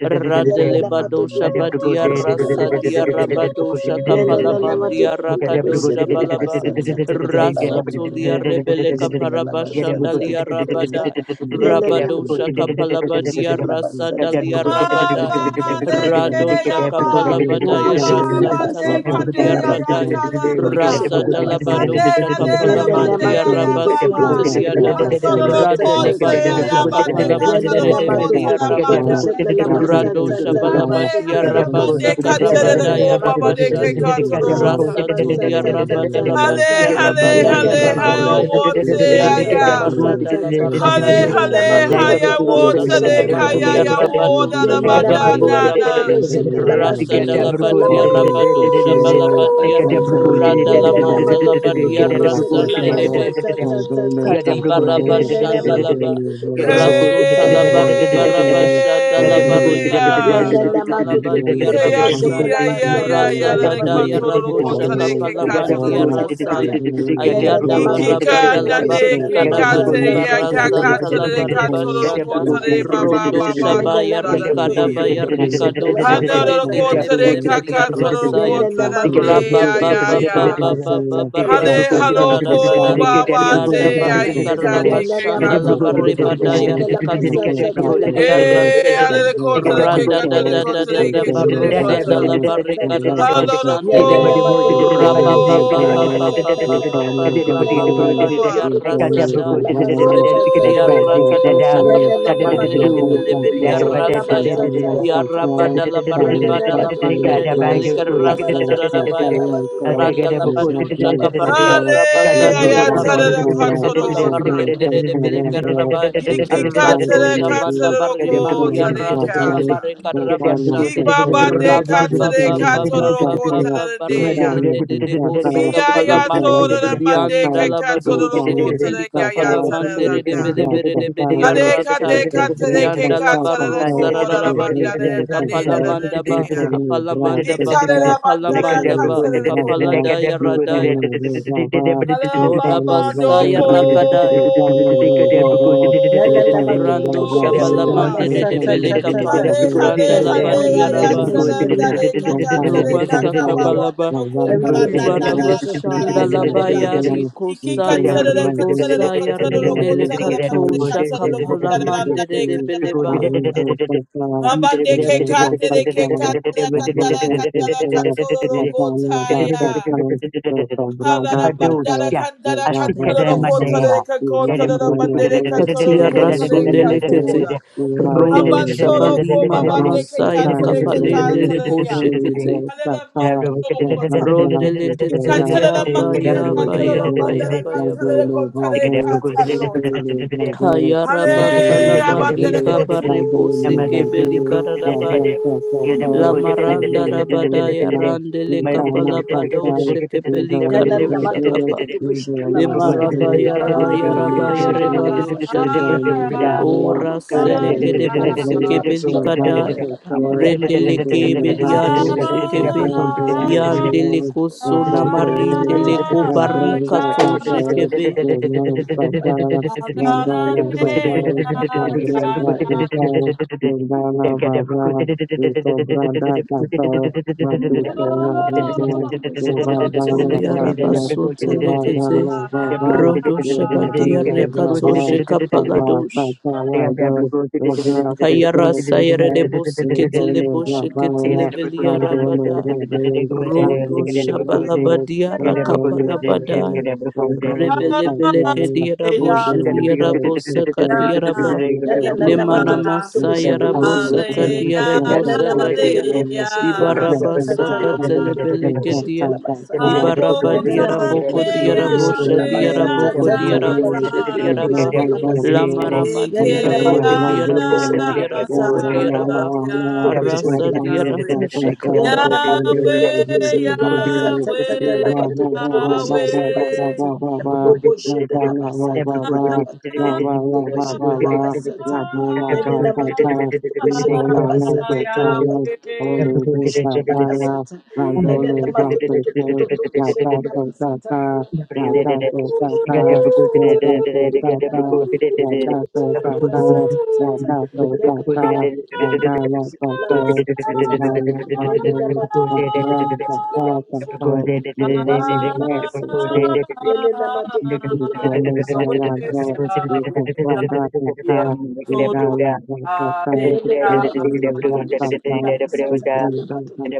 Yelele
I
Radelebadosha
have to
matututututu,
go
Badia
there.
beshete la
Rasa Dia
basata.
Rabadosha
Yala la la ma tu
Kapalamandia
tu tu
Get
tu
Rakadosha
beshete la ba
Balaba,
sa sa sa sa la ma
Rasa
tu tu tu
Tulia
tu tu
Rebeleka
beshete la ba sa sa
Parabashandalia
sa sa sa
Rabada.
Yala la ma tu
Rabadosha
tu tu tu
kapalabadia
beshete la ba
rasa
sa sa
dalia
sa sa sa
rabadaya.
sa sa sa
Abba,
sa
deke
sa
Radosha
sa
yaba.
sa Mo
kapalabadaya
Abba,
beshete la
abba,
ba sa
deke
sa sa
hade
rasantalamandia
la
ya
ma
ya
tu tu
radaya.
tu
chada
tu tu
yanda.
Rasa
beshete la ba sa
Hade,
sa
dalabadosha
hade, rada
Yala la
bande
ma
kapalamandia
ya
tu tu
you.
ya
tu tu tu
baba.
Thank
beshete la
rabasanteliada.
ba sa
Hachada
sa
lo
sa sa
kote
sa
ya
sa
ya
Radelebadosha
sa
ba deke
Yala
hachada
kapalamandere
la
lo
ma tu
kote
tu
debelia
da
tu tu
rabada.
beshete
bande.
la ba sa sa
Radosha
sa la ma
Hale,
tu tu
balabadia
hale,
tu tu
Thank
rabasa
mande,
Ya
kajere,
na
de
na
karabadaya
na
ko,
ma tu
baba,
tu
de,
tu
ke,
tu
rabashadi.
tu pushita
katorota.
la
Rasa
ba sa
tulia
sa sa sa sa
rabadalabadia
sa.
Hale, hale,
Ya na
rabadaya
na
hale,
ma tu
haya,
tu
rabadaya.
tu tu tu
wote,
Yada
pushita
la
la ba
haya.
barra
sa
da
sa
la
sa.
barra
Ya
Hale,
na
badosha
na ma
hale,
tu tu
balia
tu
haya,
tu tu
rabasa
wote,
pushita
de,
la ba
haya,
talamandia
sa
ya,
sa.
woda,
Ya
rabadosha
da,
na na ma
banda,
kabari
tu tu tu tu
nana.
barabaya rasa da la badia
tu
Ooh.
tu tu tu
rabadosha
pushita la ba
balabadia
sa sa.
rada
Ya
la
na na ma
manta
tu tu tu tu pushita la ba
you.
sa sa
you.
sa
Thank
sa sa
Get
sa.
Hadibaraba
Ya
you.
na na ma tu tu
Shandalaba
tu tu pushita la
Hey,
Rasun
ba sa sa
Talabari
sa sa
Baraba
sa sa sa.
Shadalaba Rikaraba
ah.
Yala la ma tu
Shantalaba
tu tu tu tu bishete
Heyaki
Diarabasaya
ya
lama
ya ya
sa
ya
sa sa
Rasa
ya, la
la
le
ma tu
Kadaya
tu
katoro
tu
lo
tu tu
Rabusha
kota le ke
bishete lama
katoro
sa
lo
Kapalamandia
sa sa
kota.
sa.
Rasaya
Yala la
Ayada
ma tu tu
Baraba
tu
Ikika
tu
na ne
Dalabari
bishete
ke
lama
Kadaba
sa
kate
sa
ya
Dibara
sa
ka
la ma
kata
tu tu
le
Santalaba
tu tu
Reba
katoro lo
bishete
kota
lama
le
sa
ba
sa.
ba
Rondo
ba ba
Yala
do
la
Shabaya
da
ma
da
tu tu
ne
tu
ya.
tu
Rikadabaya
tu bishete
Rikado
lama
Hana
sa
lo lo
sa
Shabalende
sa
kota
sa
le
sa
ka
sa.
Rebelebedia
katoro lo
Rasaya
Yala
kota
la
da
ma tu tu
ne
Rabba
tu
ya
tu
ya
Baba
bishete
ya.
Baba
lama
up,
sa sa
Baba
sa la
Thank
Hale
ma tu tu tu
halo ko
Rasanda
bishete la
ba
sa
ba
Thank
sa
Diada
sa
te ya
sa.
barrika
ika de
Yana
ke
rabashanda
lama
la
tu
katoro
tu tu tu
ota.
barreba daya
boshete lama
rekato
sa sa sa lama
shekeperia
tu tu tu
Hey,
tu
hale
rantelede
le
boshete
kota
lama
le ke
sa
rada
sa
da
katoro le
da da
kota
da
wo
le
da
ke katoro
boshete
le
barrosa
lama
da
kota
sa
la
sa sa
barrika
sa sa
Hallelujah.
Yana
rabashandele
lama tu tu tu tu boshete lama sa sa sa sa Yana lama
rabababababababababababa
tu tu
dia
tu tu
rasa
boshete
da
lama sa sa sa
rebeberia
sa sa sa
rakadosha
Yana lama tu
kapalamandere
tu
de
tu tu tu
beleberia
boshete
rasa
lama
ya
sa sa
you.
sa
dia
sa sa
Get
rabada la
Yana
barreba da
lama
la
tu tu tu
mandere
tu
de belika
boshete lama
rasa da
sa
da
sa
da
sa
baya
lama tu tu tu tu boshete
Radalabadosha
lama sa
kaparia
sa
you
rabasa
can't
dia
Hallelujah.
go
rabadosha kapala
Thank
Tadadakotodota.
you.
barrendere de bedekar rabai
We so much love
radosha manda
you.
barri
We so
malia rantala
Hikikatelekatelokotadekeata.
mare
much so
karabashande
far. We so much so
Yalalamatukukukupishitalavasatsatsatsatsatsa.
far. We so much
Hibabadekatelekatolokotadadea.
Rabababababababarende de de de
so far.
bosika
We so
palamanda
much so
dianda
far. We so
labadosha
much
kepelika
so far.
palamandere
We
de
so
Hiyayatodadamandekekatolokotadeyayatadadana.
proud
belevere
so
de
far.
Hare
We
kate
bediarantaya
so
kate de
proud
ke
so
dianda
far
kate
so
de
far.
ko ora
Thank
la
We so
manda
labarosa
de
proud
na
so
de da
far.
da da de
We
Kapalamandaba,
ya.
so much proud so
Kita
Apalamandaba,
de
far.
la
We
manda de
so much
kate
so
Apalamandaba,
de ko.
far.
Kapaladaya
We so
Radaya,
much so far.
Hare la
Thank
bamba do
Horabasaya
ko.
Rakadaya, Rando Shabalamande de Belekapa,
Hale hale
Cast
hale
out every
ya ya
Randalabadiaraba,
tsara
imagination, every
da de ka
happiness,
ka
thoughts of
tsare ka
Robasa
ka bamba
the
Kabalaba,
do ko
Every
da da
thought to
da
the
da da da
obedience
ka
of
da da
Ribaravashanda
Christ in the
do
name
da.
of
you.
labayari
Jesus.
Iki
Get them
kosaya
katsara
to go
da
to the to
katsara da
ribosaya
katsara da
rindele
kotsara da manda
go
katosha
to
katsara da kotsara da manda
kapalamandere
katsara da
go to
debeleba.
kotsa.
I'm
Mabande ke katere ke katere kantara kantara katoro kotaya.
the
Havara
but those,
you.
bandara
yeah,
Thank
kantara
I get Badosia, a sicker
Thank you,
katoro
than
Jesus.
kotare
Madea.
ke
Let him
kotoro
go
bandere katoro
Katia
kotare
Rasundelekete
katora.
to
Rondo
Hambatoro
Shabali
ko
Mana
babande ke
Masaya
katere ke
Kapalende
katere
Lebo
ya.
good.
Shekete
Halele
Thank
mandoro kota. İki
Rondelekete
Katere la
liya
mande ke
Baya
katere
Baya
la
Baya
bandara
Baya
katere
Baya
kotare katere kota.
Kayara Matala
Hale abandere
Marika
kotu.
Barebo Seke Belikarabaya Lamaranda Rabadaya Randele Kapalabado Shekepelika
Yalla,
Do
la ma tu
you.
tu tu
Shakapa
tu
Thank
bishita la basata
Lemaraba
ta la ba tu
yara
tu tu tu
yaraba
bishita la
yarebando
basata.
shadia.
I
you.
put on the whole armor
Ora
of God, the
Thank
faith,
seleke
the
de
good fight of faith,
bosike
I restore in the Lord
belikadai.
and the power of your might, and the
Rendeleke
faith of righteousness, the
beliado
shield of faith, the
shekebe.
helmet of salvation, and the
Yandeleko
sword of the
sona
spirit. Teach our
marindeleko
hands to war,
barika
teach our
to
hands to war,
shekebe.
my fingers to fight. Teach my hands to war, my fingers to fight. Yalla, la ma tu tu tu tu bishita la basata
Katolia
ta
you.
la
rabaso
ba tu
Thank you.
tu tu tu
telekete.
bishita la
Rodo shabadia rekato
basata.
you.
shekapaladosh.
Thank you.
Hayara sayere de bosiketele bosheketele velia
Oh,
rabadai.
Yahweh,
Rodo shabalabadia rakapalabadai. Rebelebeleke diara bosh diara bosaka diara ba.
La la la la ma
Lemana
tu tu tu tu bishete
masayara
la
bosaka
basata.
diara
Ya la la ma
bosaka
tu tu
dia.
tu tu bishete la
Dibaraba
basata ta
saka
la ma tu tu tu tu
telebeleke
bishete
dia.
la basata.
Dibaraba
Ya
Holy
la la
diara
ma tu tu
boko
tu tu tu
diara
bishete
bosha
la
diara
basata
boko
ta ta
diara
la ma tu
bosha
tu tu tu
diara ba.
bishete la basata.
Lamara
Ya la
diara
la ma tu
boko
tu tu
diara
tu
boko
bishete la
diara boko
basata ta
diara
la ma
ba
tu tu tu tu bishete
arasa
la
diara
basata. Ya la
bushakata
la ma tu tu tu tu
Yahweh, Yahweh,
bishete la basata ta ta la
Yahweh,
ma tu tu tu bishete la
Yahweh.
basata. Bobo shete la basata ta la batutu tu tu tu bishete la basata. Yene na matutu tu tu bishete la basata ta la batutu tu tu tu bishete la basata. Yene
Ghost,
na
Thank
matutu tu tu
fire,
tu tu
Thank
bishete la basata ta la batutu tu tu tu bishete la basata. Yelena
Yahweh. Yahweh,
you. Thank
you. Thank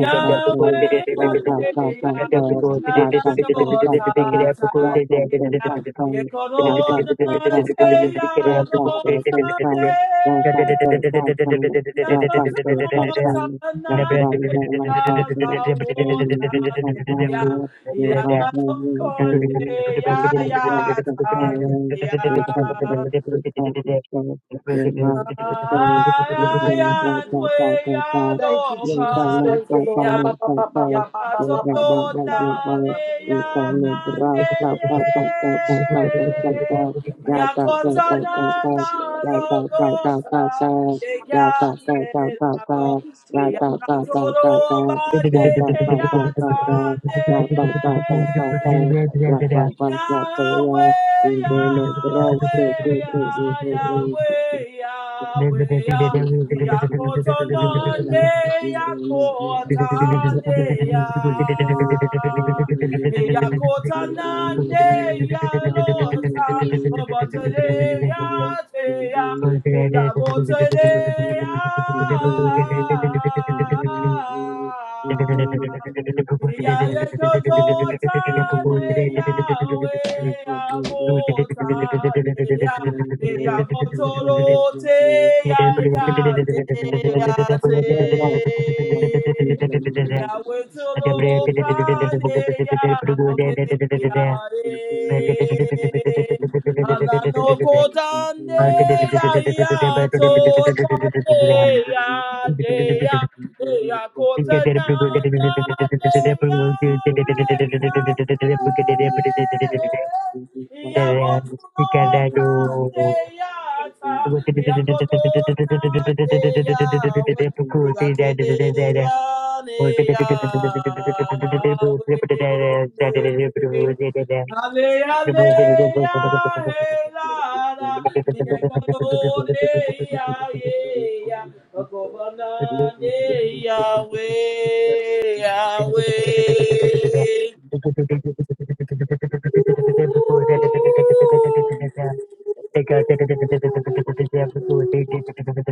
Yahweh, Yahweh, Nano, Tataria, Yekorona, Teya, Lotane.
Right,
Yakatoya
Thank you, Jesus.
you.
Thank you, Lord. Ah, ba, ba, ba, ba, ba, ba, ba, ba, ba, ba,
Yakatoro
ba, ba, ba, ba, Put on
nade ya
Thank
nande
the whole spirit, thank show me, Lord, the power of your might. But the
Yakota
spirit of my
na
teacher,
na
shield my
Yakato
faith, the power of
gota
salvation, and the
de
shield of the spirit.
gate la
My
do
hands to war, my fingers to fight,
Yakatoro
God.
ba
Everything that
de
I
te ya tande
do, my fingers to fight, God. In the name
Yahweh, Yahweh,
of Jesus, my fingers to
Yah-
fight, oh God.
Internet
Yahweh,
Thank
Yahweh, Yah.
you.
Yakota
In the name of my son. In the name of
nonde,
my teacher, in the name of my son.
yakota
In
ne, yakotane, Yah.
the name of my teacher,
Yakotanande,
in
yalota, obotele, yate, Yah. Yabotele, ya.
you. Thank
Yahweh,
Thank
the name of my teacher, in the name of my teacher. in the name of my son.
you.
they are caught
Thank
another day away. They They
you.
They are are. are to away. They are yakedeyaneyawe. Ale ale ya he la
Thank
la, ye kado de ya ye ya, akobana de ya we
you.
ya
Thank
we.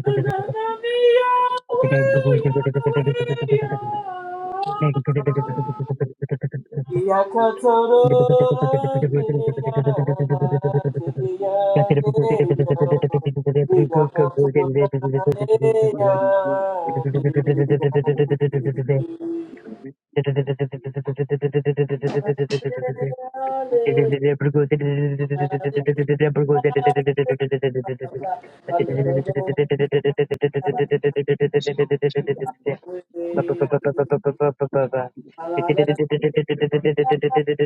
Akobana de ya we ya we ya.
you. Thank
Hallelujah.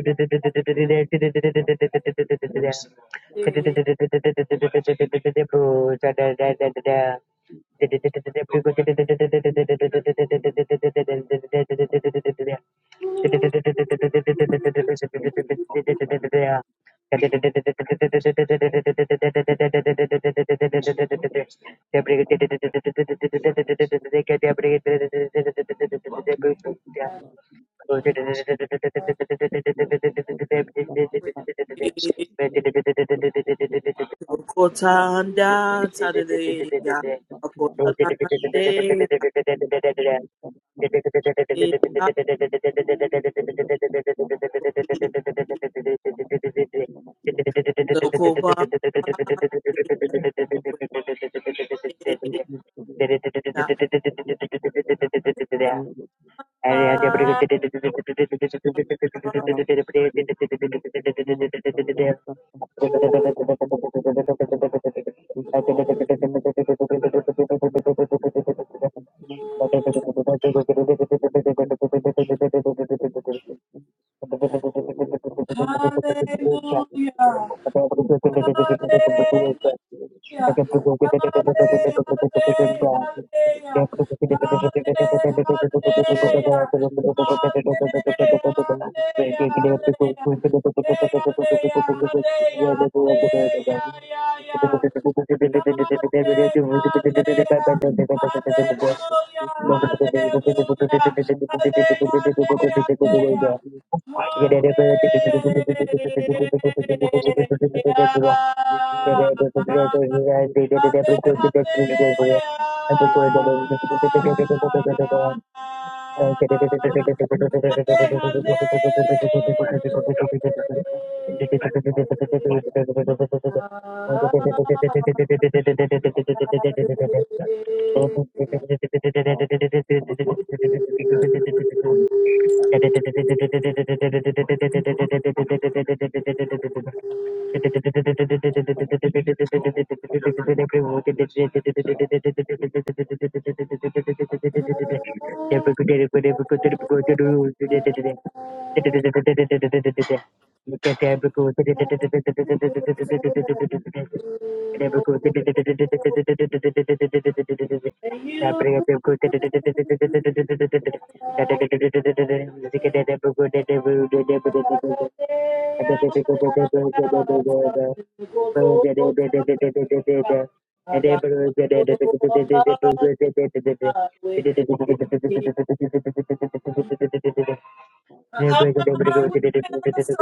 you. Thank you.
Okotanda tadeleya, okotanande lokoba
Thank Thank
you. Thank
Hallelujah,
you.
hallelujah, Hallelujah.
Thank
Hallelujah. Hallelujah. Hallelujah. Hallelujah. Hallelujah. Hallelujah.
you. Thank
Hallelujah. Hallelujah. Hallelujah. Hallelujah, yeah. Hallelujah, hallelujah, hallelujah, hallelujah,
you. Thank
Hallelujah.
you. Thank
Hallelujah, I
Thank
will serve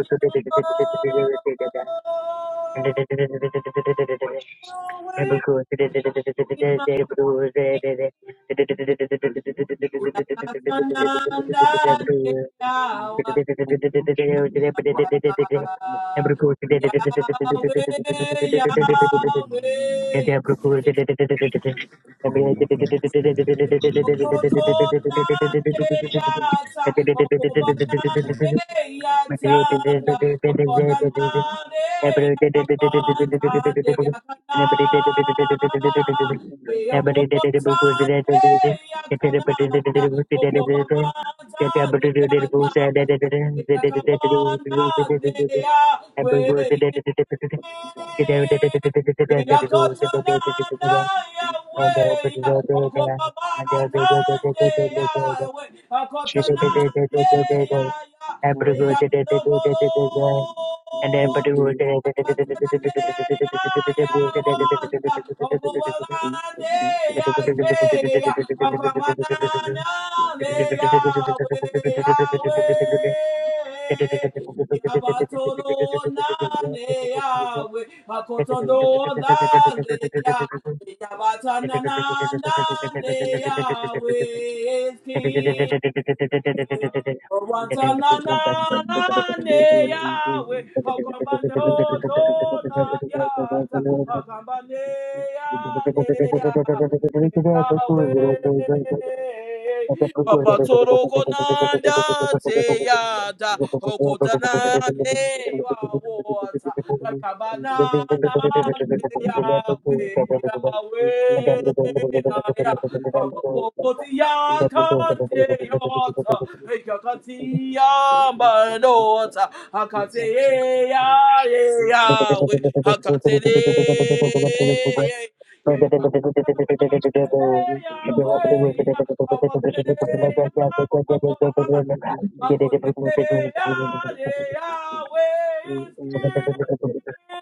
you, Lord. Yahweh,
you.
Yahweh,
Thank
Yahweh. Yakabanda,
you. Thank
they are waiting.
you. Jesus.
Yakatanana Yahweh, Okobabantande Yahweh, Akotanande Yahweh, Yakadokoro, Yakatanande Yahweh, Okobabande Yahweh, Akamanana Yahweh, Yahweh. Yabatoro nane yawe, Hakotoro nane ya. Yabatana
Thank
nane yawe is king. Owatananane Yahweh, Okambanotona Yata, Okambane Yane Yahweh, Yahweh. Opatorokonanda Te Yata, Okotanane
you.
Yawata,
Thank
Okabanana Yahweh, Yahweh, Yahweh.
you.
Ababokoti
Thank
yakante Ikakatia madota. Akate ya ya we. Akate yeah, Yahweh, Yahweh, Awatere, Yahweh, Akotere, Yahweh, is King.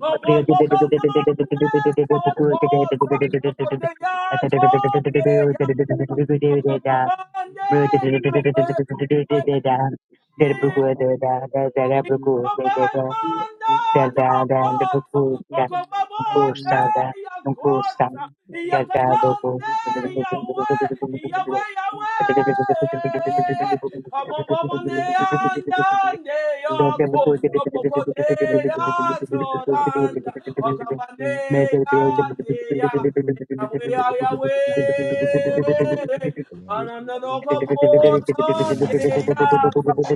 Oh, oh, oh, oh, no, Kotota, Akotere, Yahweh
you.
you. Thank
Thank
Yahweh, Yahweh, Yahweh is King.
you. Thank
Yahweh, Yahweh,
you. Thank
Ananoko
Thank you.
botonde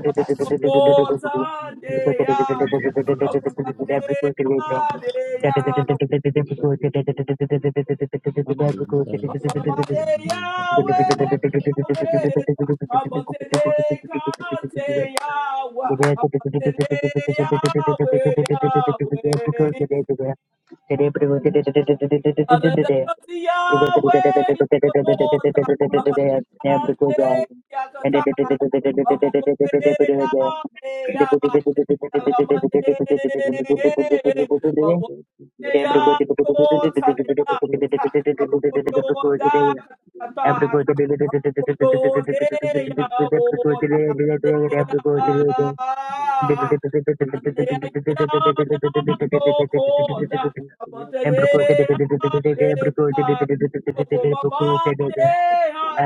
Yahweh,
you. Thank
Yahweh, Yahweh, Hallelujah. Yahweh, Yakodota, Abatekande,
you.
Yakatan, Abokotea, Ea, Alamade, Abotea, Tota, Abokota, Katata, Abokode, Yaota, Dea, Ananea, Yana, Gokoda, Baba
Every and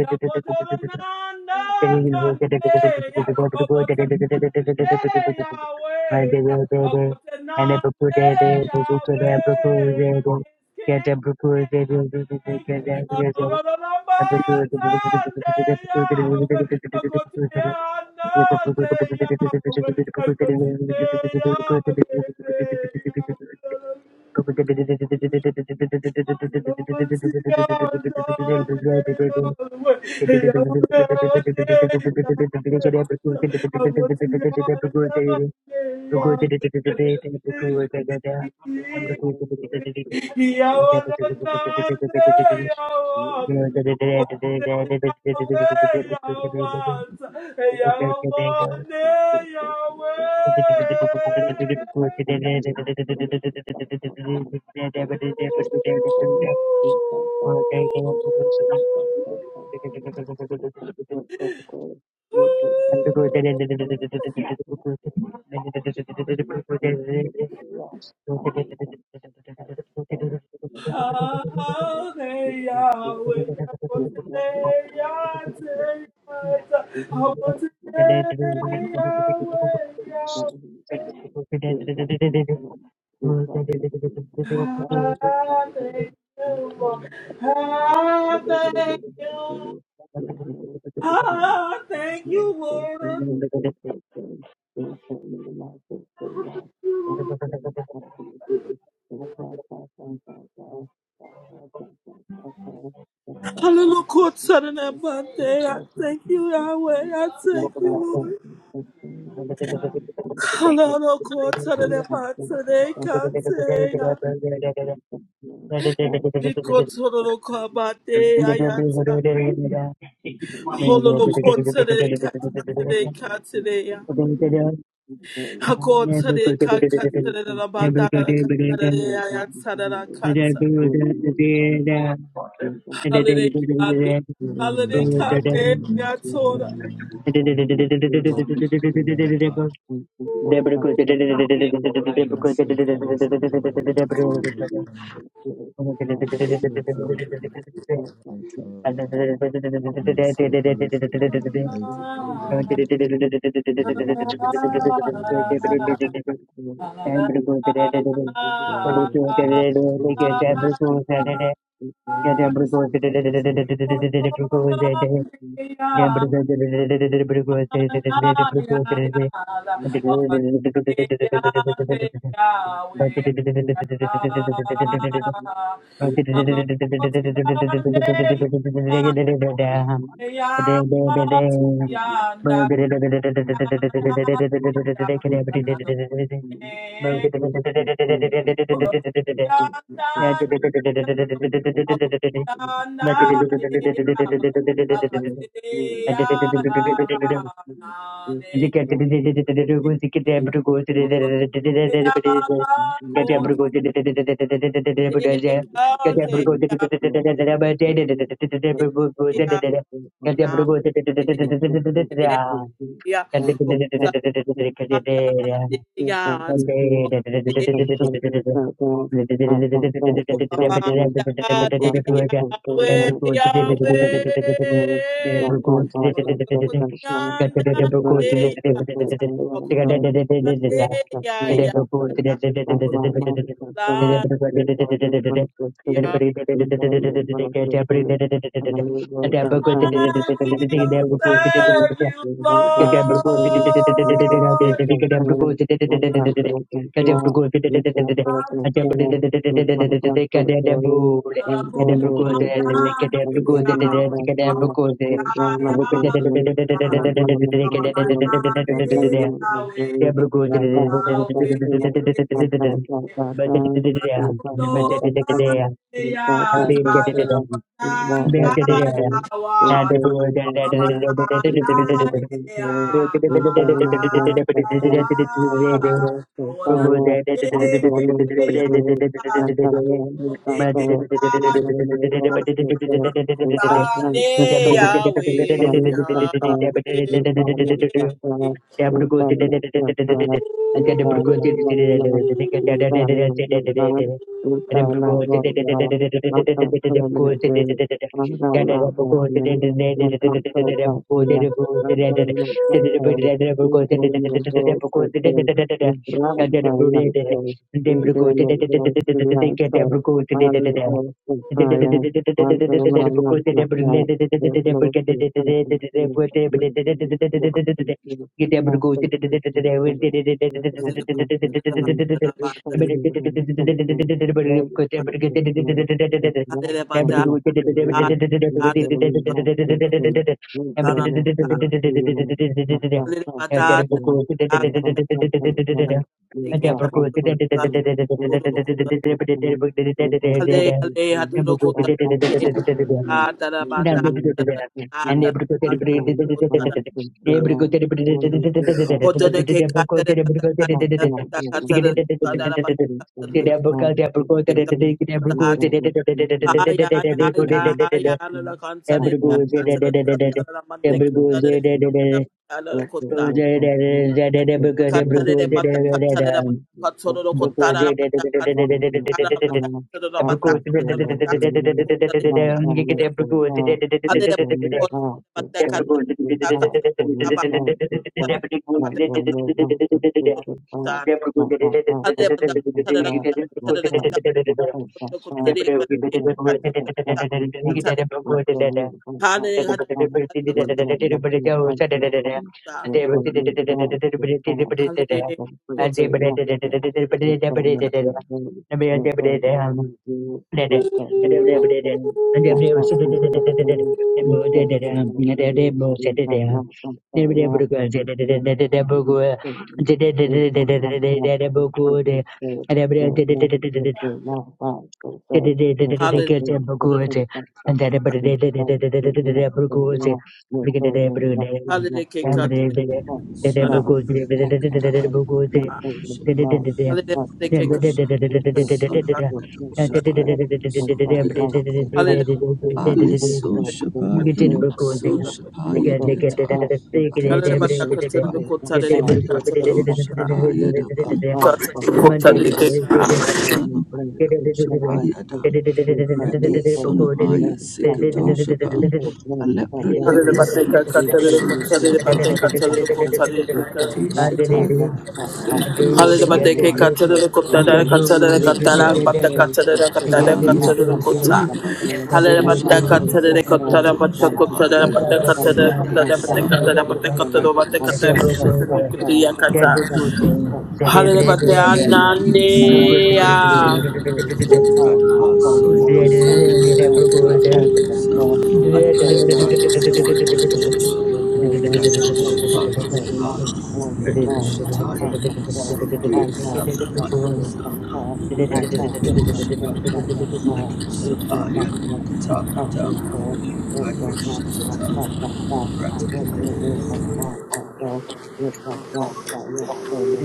Ya botola nanda nande ya obota nande, ya we ya obota nande ya we is king. Adorolo namba nande ya we obota nande
Thank
Yahweh. Yahweh, Yahweh.
you. Thank
Yahweh.
you.
you. Thank
Thank
Thank
you, Lord. Hallelujah, Lord, Saturday and Monday. I thank you, Yahweh. I thank you, Lord.
you. Thank
Hallelujah, Lord, Saturday and Monday. Kateya. Ikotoro kabateya yata. Hallelujah, Lord, Saturday kakatere kateya. Hakotere kakatere rabandara kateya yata kata. Hallelujah,
you.
kabe.
Thank
Hallelujah, kabe yatora.
you. Thank
you. Thank
you. Thank
you. Thank
Yeah. Yeah.
you. Thank you.
you. Thank you. Thank
Obamandade, Yahweh, Yahweh. Olokotiyandade, Yah- Okubamande, Yah, Yata. Yah. I will serve you,
Cadabra,
Lord.
you. Thank
You will be my Yeah.
Thank
you. Thank
Yahweh, Yahweh.
you. Debrigo,
you. Indemne voce per brasta iatro, indemne voce iatro, ali voce paia,
Thank
quanto la nostra ca, per voce sancti, indemne voce per pasta sancta, per nostra ca, per sali voce ca, per voce ca, per brasta iatro, indemne voce ca, indemne voce ca, Thank
Hallelujah.
you and able to
you.
Koteleke katere bata
Thank
katere bata katere kutadara bata
able to Deborah,
you. Thank
Hallelujah.
and every day,
you. Thank
said the bro. like,
Toshan
bro.
Salamanado Shapai Sondayataka Ali So Shapayanam
bro.
So Shapaya Diata Rite
you. Thank
Shatapai Sondayato Shapaya
Hallelujah.
Daban Rite Sanamayado Shapaya Dan Rite Sonamaya Sikado Shapan Alepranaya Sin
Monday,
Sho Sapadi Te Shataya Sondaya Sanamaya Alaba So Shapaya Daban.
Thank
Ah, yeah, so Ayabaso Malibaso Shapa Rato Shapa Yadabaso Desa
you. Thank
Radabaso
you.
Shapa
Thank
Yadabaso Radesa Yisana Radbasolemaso Adikataya dosa Alebritaya Samando Shaba Rato Shapaya Nava Redo Shataya Namasundia Samahanusa Redo Toshapa Ado Sapaya Wakatapita Ado Shatata
you. Thank you.
Rato
Thank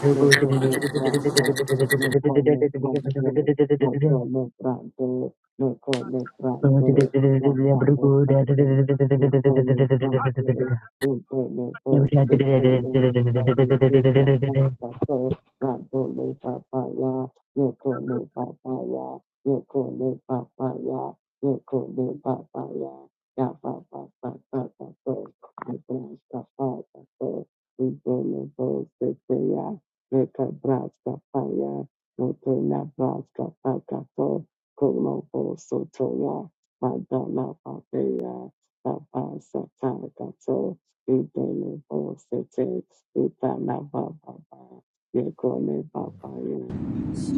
you.
Yekone papaya, yekone papaya, yekone papaya, ya papa papa papa, yebrasta papa papa, yekone boste teya, yeka brasta paya, yekone brasta papa papa, kono bosto toya, madana papaya, papa sata kato, yekone boste te, yekana papa papa, yekone papaya.
Live
Thank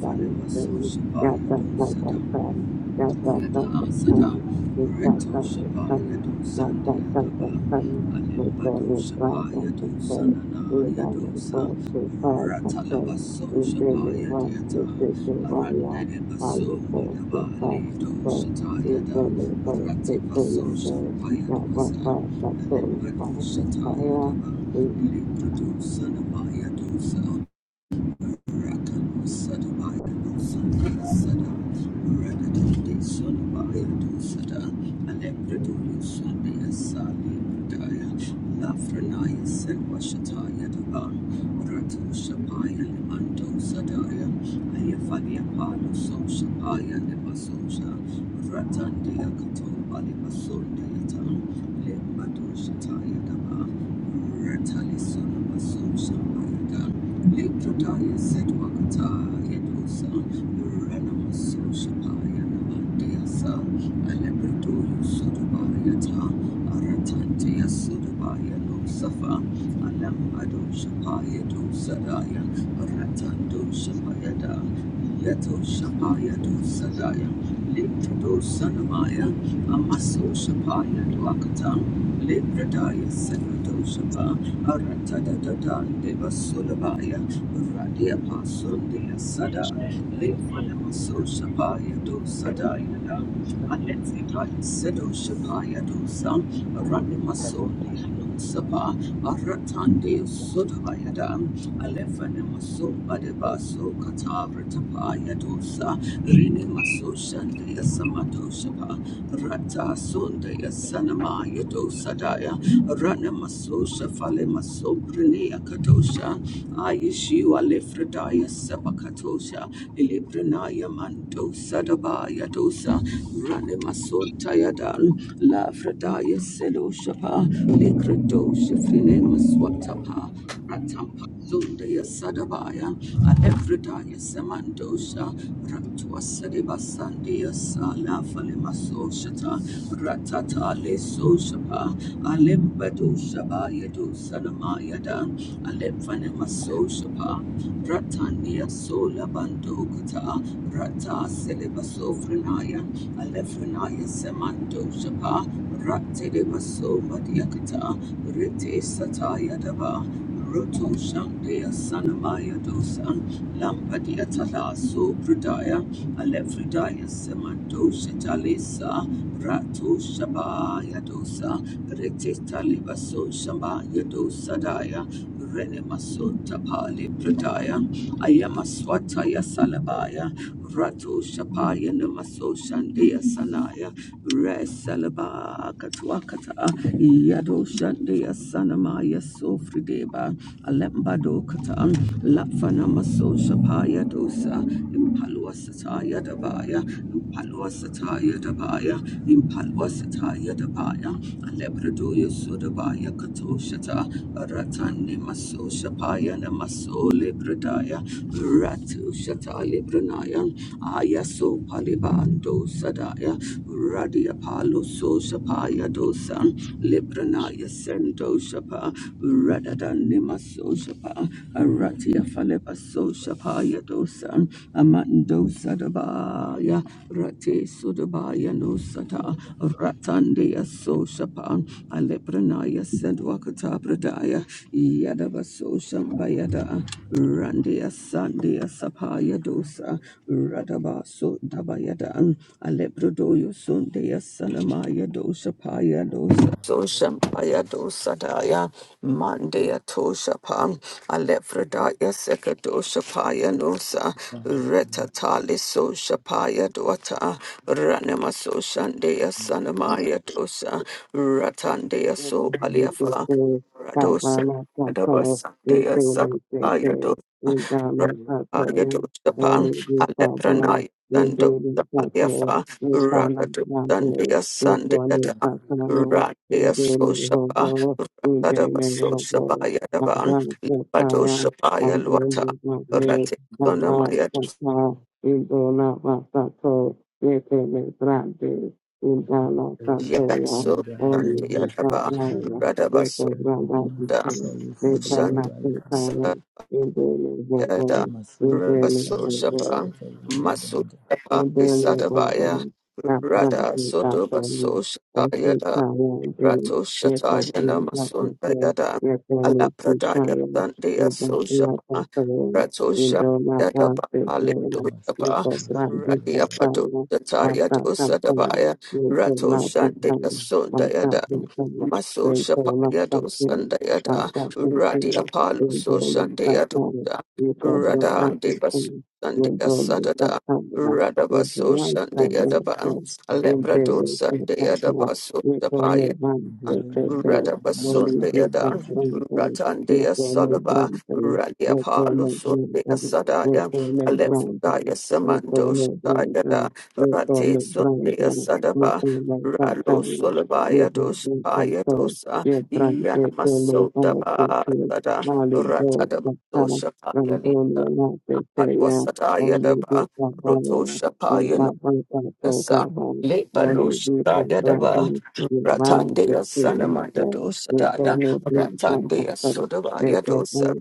for never So Rest of the body, Yata Sada Reto Shapa Yato Sanda Yadaba Alimbado Shapa Yato
you.
Sanana
Thank
Yadosa Ratalabaso Shapa Yadiata Arandede Baso Madaba Lido Shata Yada Rati Baso Shapa Yadabasa Alimbado Shata Yadaba Lido Sanama Yadosa Ratandia Katoba Libasundiata, Limbadushataya Daba, Ratali Sonaba Sun Shamayada, Litrodaya Sedwakata Yadosa Muranama Soshapaya Namandiasa Alepredoyo Sodobayata Aratantia Sodobaya Losafa Alambado Shapaya Dosadaya Aratando Shapayada Yato Shapaya Dosadaya Litrodo Sanamaya Amaso Shapaya Dwakata Lepredaya Sedwado Shapa Aratadadada Deva Sulabaya Radia Pasundia Sada Lifanama Soshapaya Do Sadayada Alexitaya Sedo Shapaya Do Sam Ranima Sonia Sapa Aratande Sudavayada Alefana maso badebaso katavra tapaya dosa rini maso shandaya samadoshapa rata sundaya sanamaya dosa daya rana maso shafale maso prinia katosha ayishi alefradaya sabakatosha ilibrinaya mando sadabaya dosa rana maso tayadan lafradaya seloshapa likradosha frine maswatapa Atampazundeya Sadabaya, Alevridaya Semandosha, Ratwa Sadiba Sandia Sala Falimasoshata, Ratata Le Soshapa, Alembado Shabaya do Sanamaya Dan, Alefanemasoshapa, Ratania Sola Bandokata, Rata Sediba Sofrenaya, Alefrenaya Semandoshapa, Ratediba Somadiakata, Rite Sataya Daba. Ruto Shandia Sanamaya Dosan Lampadia Tala Supradaya Alefridaya Samando Shatalisa Rato Shabaya Dosa Retitalibaso Shabaya Dosadaya Renemasota Pali Pradaya, Ayamaswataya Salabaya, Rato Shapaya Namaso Shandaya Sanaya, Resalaba Katwakata, Yado Shandaya Sanamaya Sofrideba, Alembado katan, Lafana Maso Shapaya Dosa, Impalwasataya Dabaya, Impalwasataya Dabaya, Impalwasataya Dabaya, Alebradoya Sodabaya Katoshata, Ratani Maso Shapaya Namaso Libradaya, Ratu Shatali Branayan, Ayaso Palibando Sadaya, Radia Palo So Shapaya Dosan, Lebranaya sendo Libranaya Shapa, Radadan Lima So Shapa, Aratia Falepa So Shapa Yadosan, Amando Sadabaya, Rate Sodabaya no Sata, Ratandia So Shapa, Alepranaya Sedwakata Pradaya, Yadaba So Shambayada, Randia Sandia Sapaya Dosa, Radaba So Dabayada, Alebrodoyo Sunday Salamaya dosa Paya Dosa Sosha Paya Dosa Daya Mandaya Tosha Pam Alebrodaya Sekadosha Paya Nosa Retatali Sosha Paya Dota Ranama Sosha Daya Sanamaya Dosa Ratandaya
Thank
So Aliafa
you
Radosa Dabasa Daya Sakaya Dosa Rataya Dosha Pam Sando Samaliafa, Rakadu Sandia Sandiata, Radia Soshapa, Rakadaba Soshabaya Daban, Padoshapaya Lwata,
you.
Rati Sonamaya, Yaso
only if
Masukalisandura
you come
Sandiataba,
flying like a
Radaba
spirit of ground out in
Soda,
heaven. They call
Sand.
my faith
raika,
calling, in them is one
Yada
word, in them is
Rabaso
masukalisandura
one word
Shapa
raika,
Maso
bulanda,
Shapa
and barely above
Sadabaya
others, after them
Rada
to God
Sodoba
so me,
So Shapa
and see
Yada
power and daily,
Rato Shata
therefore
Yana
bring God to
Masunda
care,
Yada
therefore may
Ala
see
Pradaya
child,
Sandaya
we
So
don't be like them
Shapa
so long,
Rato
we
Shapa
do not
Yada
pass this
Bali So
way, we
Shapa
so blind We
masukalisandura
Radia
and
raika,
Pato
sorrow,
Shata
our
Yado
thoughts are coming,
Sadabaya
we so
Rato
mouth are
Shandaya
coming, our
Sunda Yada
thoughts are coming,
Maso
we so
Shapa
mouth are
Yado
coming,
Sanda
our
Yada
thoughts are
Radia
coming,
Palo
we
So
go mouth are
Shandaya
coming, we go blind
Radha and
out and
Devas
coming,
and
we go mouth are
Sadada,
coming,
Radha
Thank
Baso
you.
and the Adaba, Alebrado and the Adabaso,
bulanda, bulanda, mama, mama,
Radabasundayadan,
mama,
Ratandia Salaba, Radia Palo Sundia Sadaya, Alephidaya Samando Shatayada, Rate Sundia Sadaba, Ralo Solabaya Dosaya Dosa, Ayadosa, Yanamasodaba Sada, Ratadaba Dosha Payalita, Hadwasadaya
Only
Daba,
the Savaya, Thank
Rotosha Yasa Lepa Lushaya Dava Ratandeya Sanamanda Dosadaya Ratandeya Sodavaya Dosa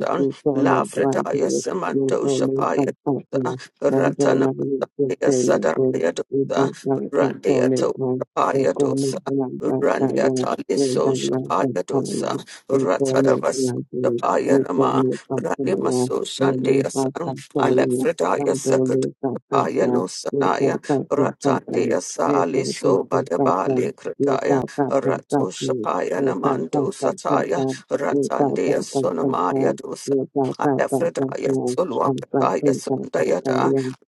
Alephanamasota Lafredaya Samantosha Paya Randia Sadaraya dosa, Randia Totapaya dosa, Randia Taliso Shapaya dosa, Ratadavaso. Payanama, Ranimaso Shandia San,
you.
Alefredaya
Thank
Sakad, Payano Sanaya, Ratandia Saliso Badabali Krataya, Rato Shapayanamando Sataya, Ratandia Sonamaya dosa, Alefredaya Solwakataya Sundayada,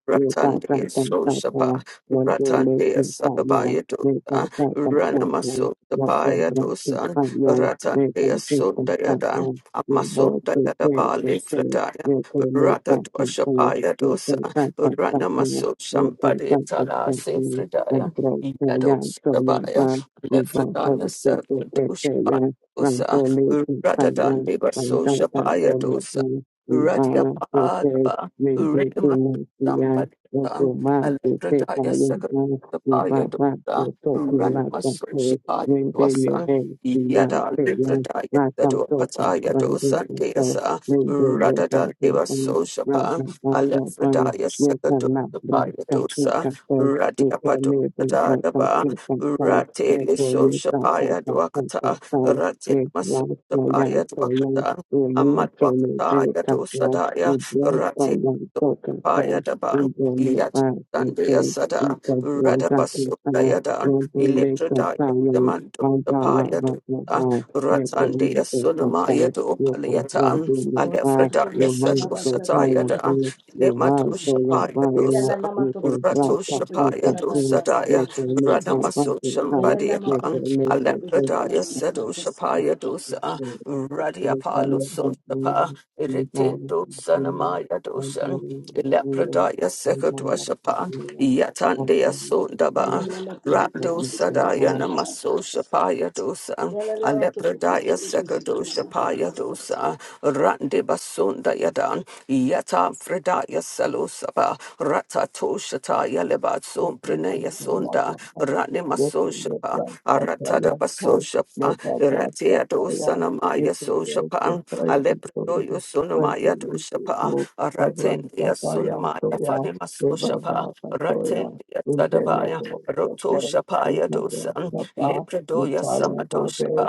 Ratandea Soshapa, Ratandea Sadabaya Dosa, Ranamaso Sapaya Dosa, Ratandea Sundayadan, Amasundayadaba Lefradaya,
you.
Ratadoshapaya
Thank
Dosa, Ranamaso Shampadia Tala Sefradaya, Yados Sabaya, Lefradaya Sarkadoshapaya Dosa, Ratadandeva Soshapaya Dosa, Radiapadaba. Sambalita, Alepradaya Sakapaya Dota, Ranamasunshipaya Dwasan, Yada Lepradaya Sadopataya Dosan Deasa, Radada Deva
you. We
Soshapa,
We We We We We
Alepradaya
We We We We
Sakadopaya Dosa,
We We We
Radiapado. Dadaba, Rate Lisho Shapaya Dwakata, Rate Masu Shapaya Dwakata, Amat Wakata Yato Sadaya, Rate Paya Daban, Yat Sandia Sada, Radabasudaya Dan, Electrodaya Samando, the Paya Dusa, Ratsandia Sunamaya do
are are are Thank
Paliatan,
Yalla
you.
Alefredaya
You must
Sadosataya
follow
Dan,
me. You must
Lemadosha
learn
Paya
by me.
Dosa.
You must
Rato
practice what I
Shapaya
practice. You
Dosadaya,
must love what
Radamaso
I love. You
Shambadiapan, Alepradaya Sedo Shapaya Dosa, Radiapalu Sonsapa, Ritin Dosanamaya Dosan, Lepradaya Sekadwashapa, Yatandaya Sundaba,
must be
Rado
what I am.
Sadaya Namaso Shapaya Dosa, Alepradaya Sekadoshapaya Dosa, Rande Basunda Yadan, Yata Fredaya Salosaba, shataya leba
Thank
son
you.
prenaya sonda rane maso shapa aratada baso shapa ratia do sanamaya so shapa alepro yo sonamaya do shapa aratin dia sonamaya fane maso shapa ratin dia sadabaya roto shapa ya do san lepro do ya samado shapa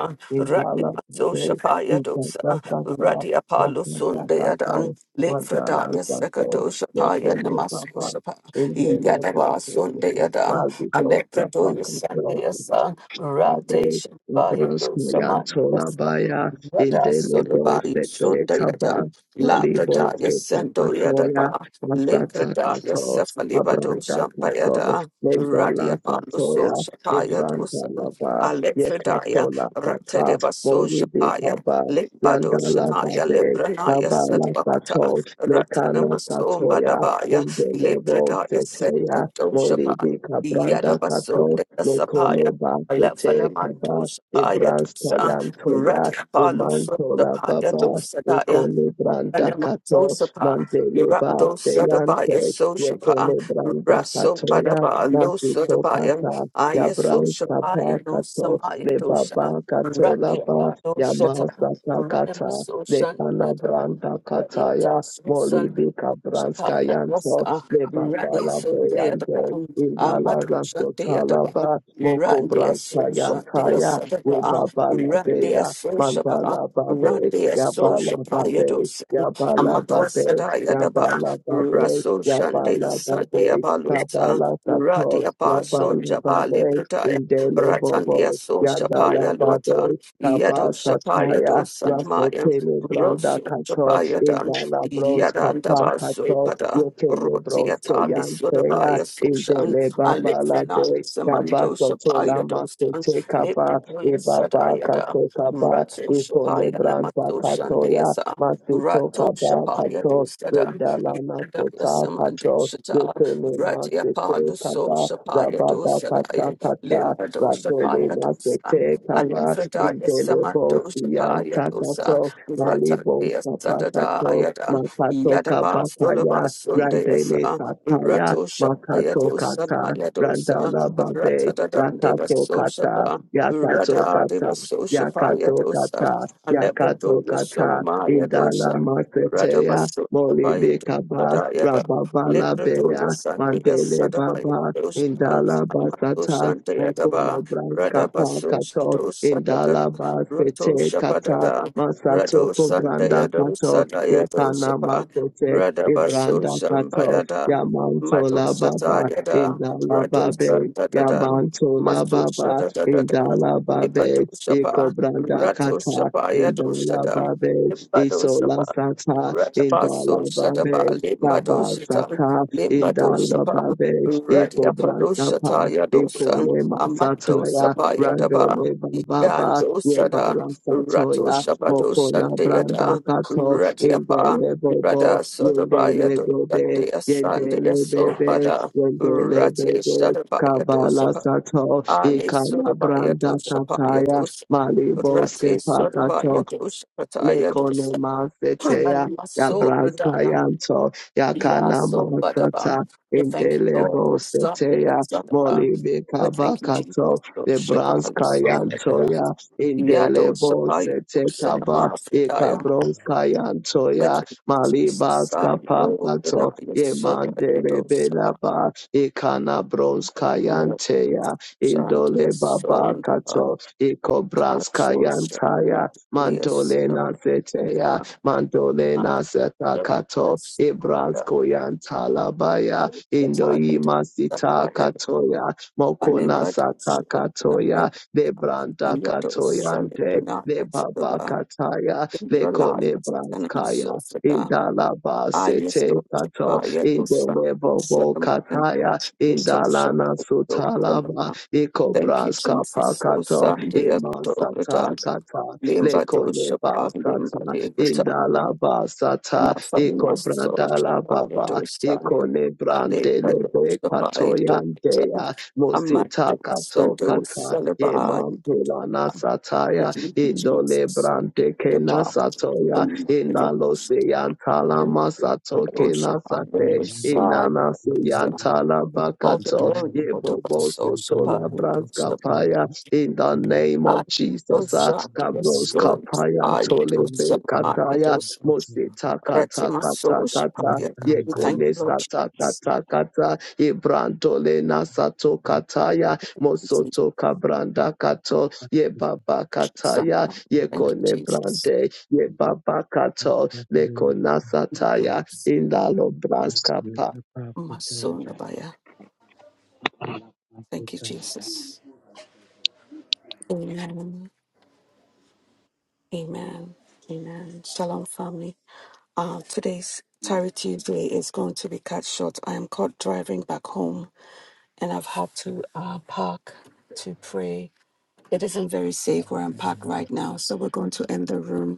rane maso shapa ya do san radia palo sonde adan lepro da ya sekado shapa ya namaso shapa
In the Lord God,
Yadaba
thank
Sunday
you.
Yadan,
Mighty God, that
Electrodo
fucking God,
Sunday San,
Father,
Ratation Baya
Nebraska,
Dosaman,
Baya, in
Rada
the Lebo,
Sulabai
Sete,
Sunday
Kaba,
Yadan,
Malibo,
Labrada
Skate,
Yasendo
Matoya,
Yadaba,
Masata,
Lakrada
Kato,
Yasafalibado
Abranda, Kato,
Shampayada, Radia
Nedala,
Paluso
Satoya,
Shapaya
Nebranda,
Dosan,
Lava,
Electrodaya,
Yekatola, Sata,
Ratadeva So
Moli, De,
Shapaya,
Kaba,
Limbado
Randa, Lava,
Shanaya,
De,
Lebranaya
Kaba,
Sadwakata,
Lava, Lekana,
Ratanamaso
Satoya,
Badabaya,
Indelebo
Lepradaya said
seteya
Kotoshapa,
molibi kabranda kato
Yadabasunda Sapaya,
mekone ba sete
Alephanamanto
kaba
Sapaya
ibrans
dosa,
tayan toya
Radiapalo
imantola
Sotapaya
baba
dosa
ikone branda
and my
kato
social pa,
mandele ba
Rando Sadabaya
seyante
social pa,
yekone branda
Rasso
katoya
Badaba, Lo
nasito
Sadabaya,
kata
Aya
yabrans
social paia,
kapa
no
kato
Samaya
le
dosha,
baba katola
Radi
ba
Abado Shata,
yamasa
Ranima
kata le
social
kana
letter,
branda
Radi
kataya
Atas,
Mori
Sunday.
Bika Branska
Sapaya
Yanto,
Rasa,
Leba
Randy
Bala
Sunday the
Boyande,
Brown,
Inala
Amadu
Zanto
Shantia the
Talaba,
Brown,
Moko
Randy
Branska
Asosha, dear
Yantaya,
Sadapa,
Weba Bala
Randy
Beya,
Asosha,
Mandala Babe,
Randy
Yabala Babe,
Asosha,
Yabala
Amadwa
Babe,
Sadaya Daba,
Yabala Babe,
Raso Shande
Yabala
Sandia
Babe,
Balusa,
Kabala
Radia
Satos,
Baso
Yabala
Jabali
Babe,
Brataya,
Indele Bobo,
Ratandia So
Yandala
Shapaya Luatan,
Babe,
Yado Shapaya
Kabasa
Do
Raso
Sanmaya,
Tele Branda
Rosu
Kato,
Shapaya Dan,
Indala Bros
Yadan
Kapa
Dabaso
Kato,
Pada,
Rokele Bros
Rotiata
Keyantea,
Lisodabaya Soshan,
Indele Baba
Alexina
Labe,
Samando
Kabato
Shapaya
Tola Mato
Dosan,
Tekaba,
Libradoya
Ibaba
Sadaya Da,
Kato Kaba,
Rato
Ikone
Shapaya
Branda
Namato
Katoya,
Shandeasa.
Masito
Rato
Kaba
Shapaya
Kato,
Dosada,
Rendala Mato
Yadaya
Ta
Samandi
Kato,
Shata,
Rekele
Ratia Palo
Nasito
So
Kaba,
Shapaya
Rababa
Dosada,
Kata Kata,
Limbado
Radole
Shapaya Dosa,
Masote Kaba,
Alemfredaya
Indelebo
Samando
Sian
Shapaya Dosa,
Takato,
Rata
Malibo
Dea Sadada
Sapakato,
Yada,
Makato
Yadaba Solaba
Kabakaya, Randele
Sundayasa,
Sataya,
Rato Shapaya
Makato
Dosa,
Kata,
Yadosa,
Randala
Rata
Babe,
Dadam Deva
Yakato
So
Kata,
Shapa,
Yakato
Rada
Kata,
Deva So Shapaya
Yakato Kata,
Alebato
Yakato Kata,
Yasolimaya dosa,
Indala
Radabaso, the
Molibe
Payato, the
Kaba,
Dayada,
Rababala
Lebratosa
Beya,
Sandia
Mandele
Sadabaya
Baba,
dosa,
Indala
Amato
Basata,
Santa Yadaba,
Mokolo Braska
Radabaso
Kato,
dosa,
Indala
Roto
Basete Kata,
Shapadada,
Masato
Rado Santa
Kobranda
Yadosa
Kato, Itana
Dayadosapa,
Masete,
Radabaso
Ibranda Kato,
Sambayada, Mato
Yamantola Baba,
Satayada,
Indala
Rado
Babe,
Santa Dada,
Yamantola
Maso
Baba,
Sada Dada,
Indalababe,
Libato
Ikobranda
Rato
Kata,
Shapa Yado Shada
Indalababe,
Limbado Shapa
Isolasata,
Ratabaso Shadaba
Indalababe,
Limbado Shata
Tabasaka,
Limbado Shapa
Indalababe,
Radiapado Shata
Ikobrastapa,
Yadosa
Ikolema
Amado
Sataya,
Shapa Yadaba
Randole Baba,
Yando Shada
Yebara
Rato
Satoya,
Shabado
mokona Branda
Shandayada
Kato,
Radiapa
Indele
Rada
Bobo,
Sodaba
Yendele
Yado
Bobe,
Shandaya Sandaya
Yendele Bebe,
Sobada
Yendele
Rati
Bebe,
Shadaba
Kabala Sato,
Ale
Ikala
Sodabaya
branda
dosha paya
kataya.
dosha. Rati
Maliboske pakato.
Sodabaya dosha pataya
Lekone
dosha.
masetea ya
Nanamaso
braska
Bradaya.
yanto ya kana
Yaso Badaban.
masata
We thank you, Lord,
indelebo
for Sunday at
setea
Sadaban.
molibe
We thank you, Jesus,
kabakato le
dosha pali
braska yanto
Sundayadan.
ya
Yado
indelebo
Sapaya
sete
dosha
kaba e
namafridaya.
kabroska yanto
We
ya
thank you, Jesus,
malibaska
Sai, Lord,
pakato
Renaya
ye
Sodaya
mandele
dosha.
belaba e kana broska
Lord,
yante ya
Shantia
indole
Sondaban.
babakato e kobraska
Kasosha
yantaya
Yes
Mantolena
Lambada
Seteya, Mantolena
Master
Setakato,
Yes Lambada
Ibrasko Yantalabaya,
Tired
Indoima Sita
Tired
Katoya, Mokona
Animbad
Sata
Shobunayad
Katoya, Lebranda
Yado
Katoyante,
Salibuna
Lebaba
Sadaba
Kataya, Lekone
Indralayas and
Branskaya,
Masofada
Indalaba
Ayaso
Sete Kato,
Ayadosa
Indolebobo
Sadamayan
Kataya,
Yitosha
Indalana Sutalaba,
Sadaba Thank you,
Ikobraska
Jesus. So
Pakato,
Sunday, October,
Imasata Kata,
Limba
lekone basata
Dosha, Limba
indala basata
Nothing must
ikobrandala
justify it,
baba
or son.
ikone
I live
brande
by
brandele
justify it, or son.
bekatoyandeya
I might
mosita
do son to
katokata
celebrate.
yemambula
But
nasataya
you, Jesus,
indole
so
brande
do the
kena
bomb.
kenasatoya
Son, my
inalo
devotion,
seyantala
but
masato kena
justify on
kenasate
the side.
inana seyantala
With all
The
the
bakato
daily
glory, Lord, of
lessons
us,
of
yebobo
so
my very
supply
sotola
it, or
reluctant
braskapaya
fraternity,
in the
Julia,
name
I
of
very
do
Jesus, ah,
shot
reluctant
to your
Kabros
fraternity,
soul.
Kapaya and
I do
really
son,
Tolebe
I
feeling in
Kataya
do
the
son.
future,
Mosita Kata
Ratima, so
Kata
supply
Kata
even finding
We
that
thank
we
you,
Yekone
can
Lord.
get
Jesus.
into
Kata Kata Ibrantole
the
Nasato
past of their
Kataya
Jesus.
Mosoto
future,
Kabranda
get
Kato
back to the
Yebaba
past,
Kataya
and let
Thank you,
that
Yekone
Jesus.
Brande
be
Yebaba Kato Lekona Sataya Indalo
Thank
Braska
you.
Pa.
know, power fraternity,
Masolabaya.
Allah, power
Thank you,
fraternity.
Jesus. Amen. Amen. Amen. Shalom, family. Uh, today's Tarry Tuesday is going to be cut short. I am caught driving back home and I've had to uh, park to pray. It isn't very safe where I'm parked right now, so we're going to end the room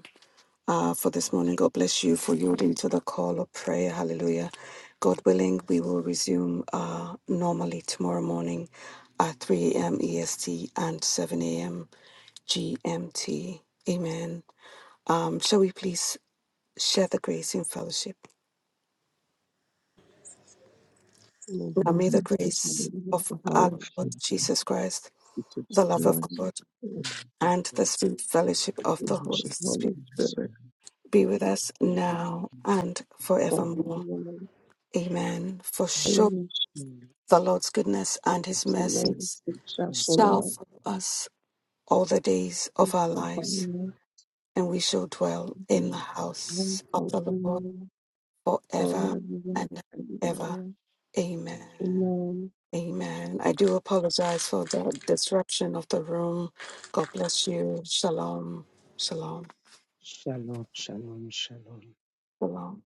uh, for this morning. God bless you for yielding to the call of prayer. Hallelujah. God willing, we will resume uh, normally tomorrow morning at 3 a.m. EST and 7 a.m. GMT. Amen. Um, shall we please share the grace in fellowship?
Lord,
Now
we
may the
thank you for the
grace
gift
of
of the Holy
our Lord
Spirit.
Jesus Christ,
We touch
the
by
love of
Lord,
the
we thank
God,
you
love of
and the
God,
sweet fellowship of
the
the
for
Holy
worship
the
of the
Spirit
Holy
Holy
Spirit.
Spirit,
be with us
the
now
blessing
and
of the
forevermore. Amen. For surely
Holy Spirit.
The Lord's goodness and his
It's the
mercies
message shot
shall
from
follow us all the days of our lives, and we shall dwell in the house of the Lord forever and ever. Amen.
the
Amen.
Amen. I do apologize for the disruption of the room. God bless you. Shalom. Shalom.
Shalom, shalom, shalom.
Shalom.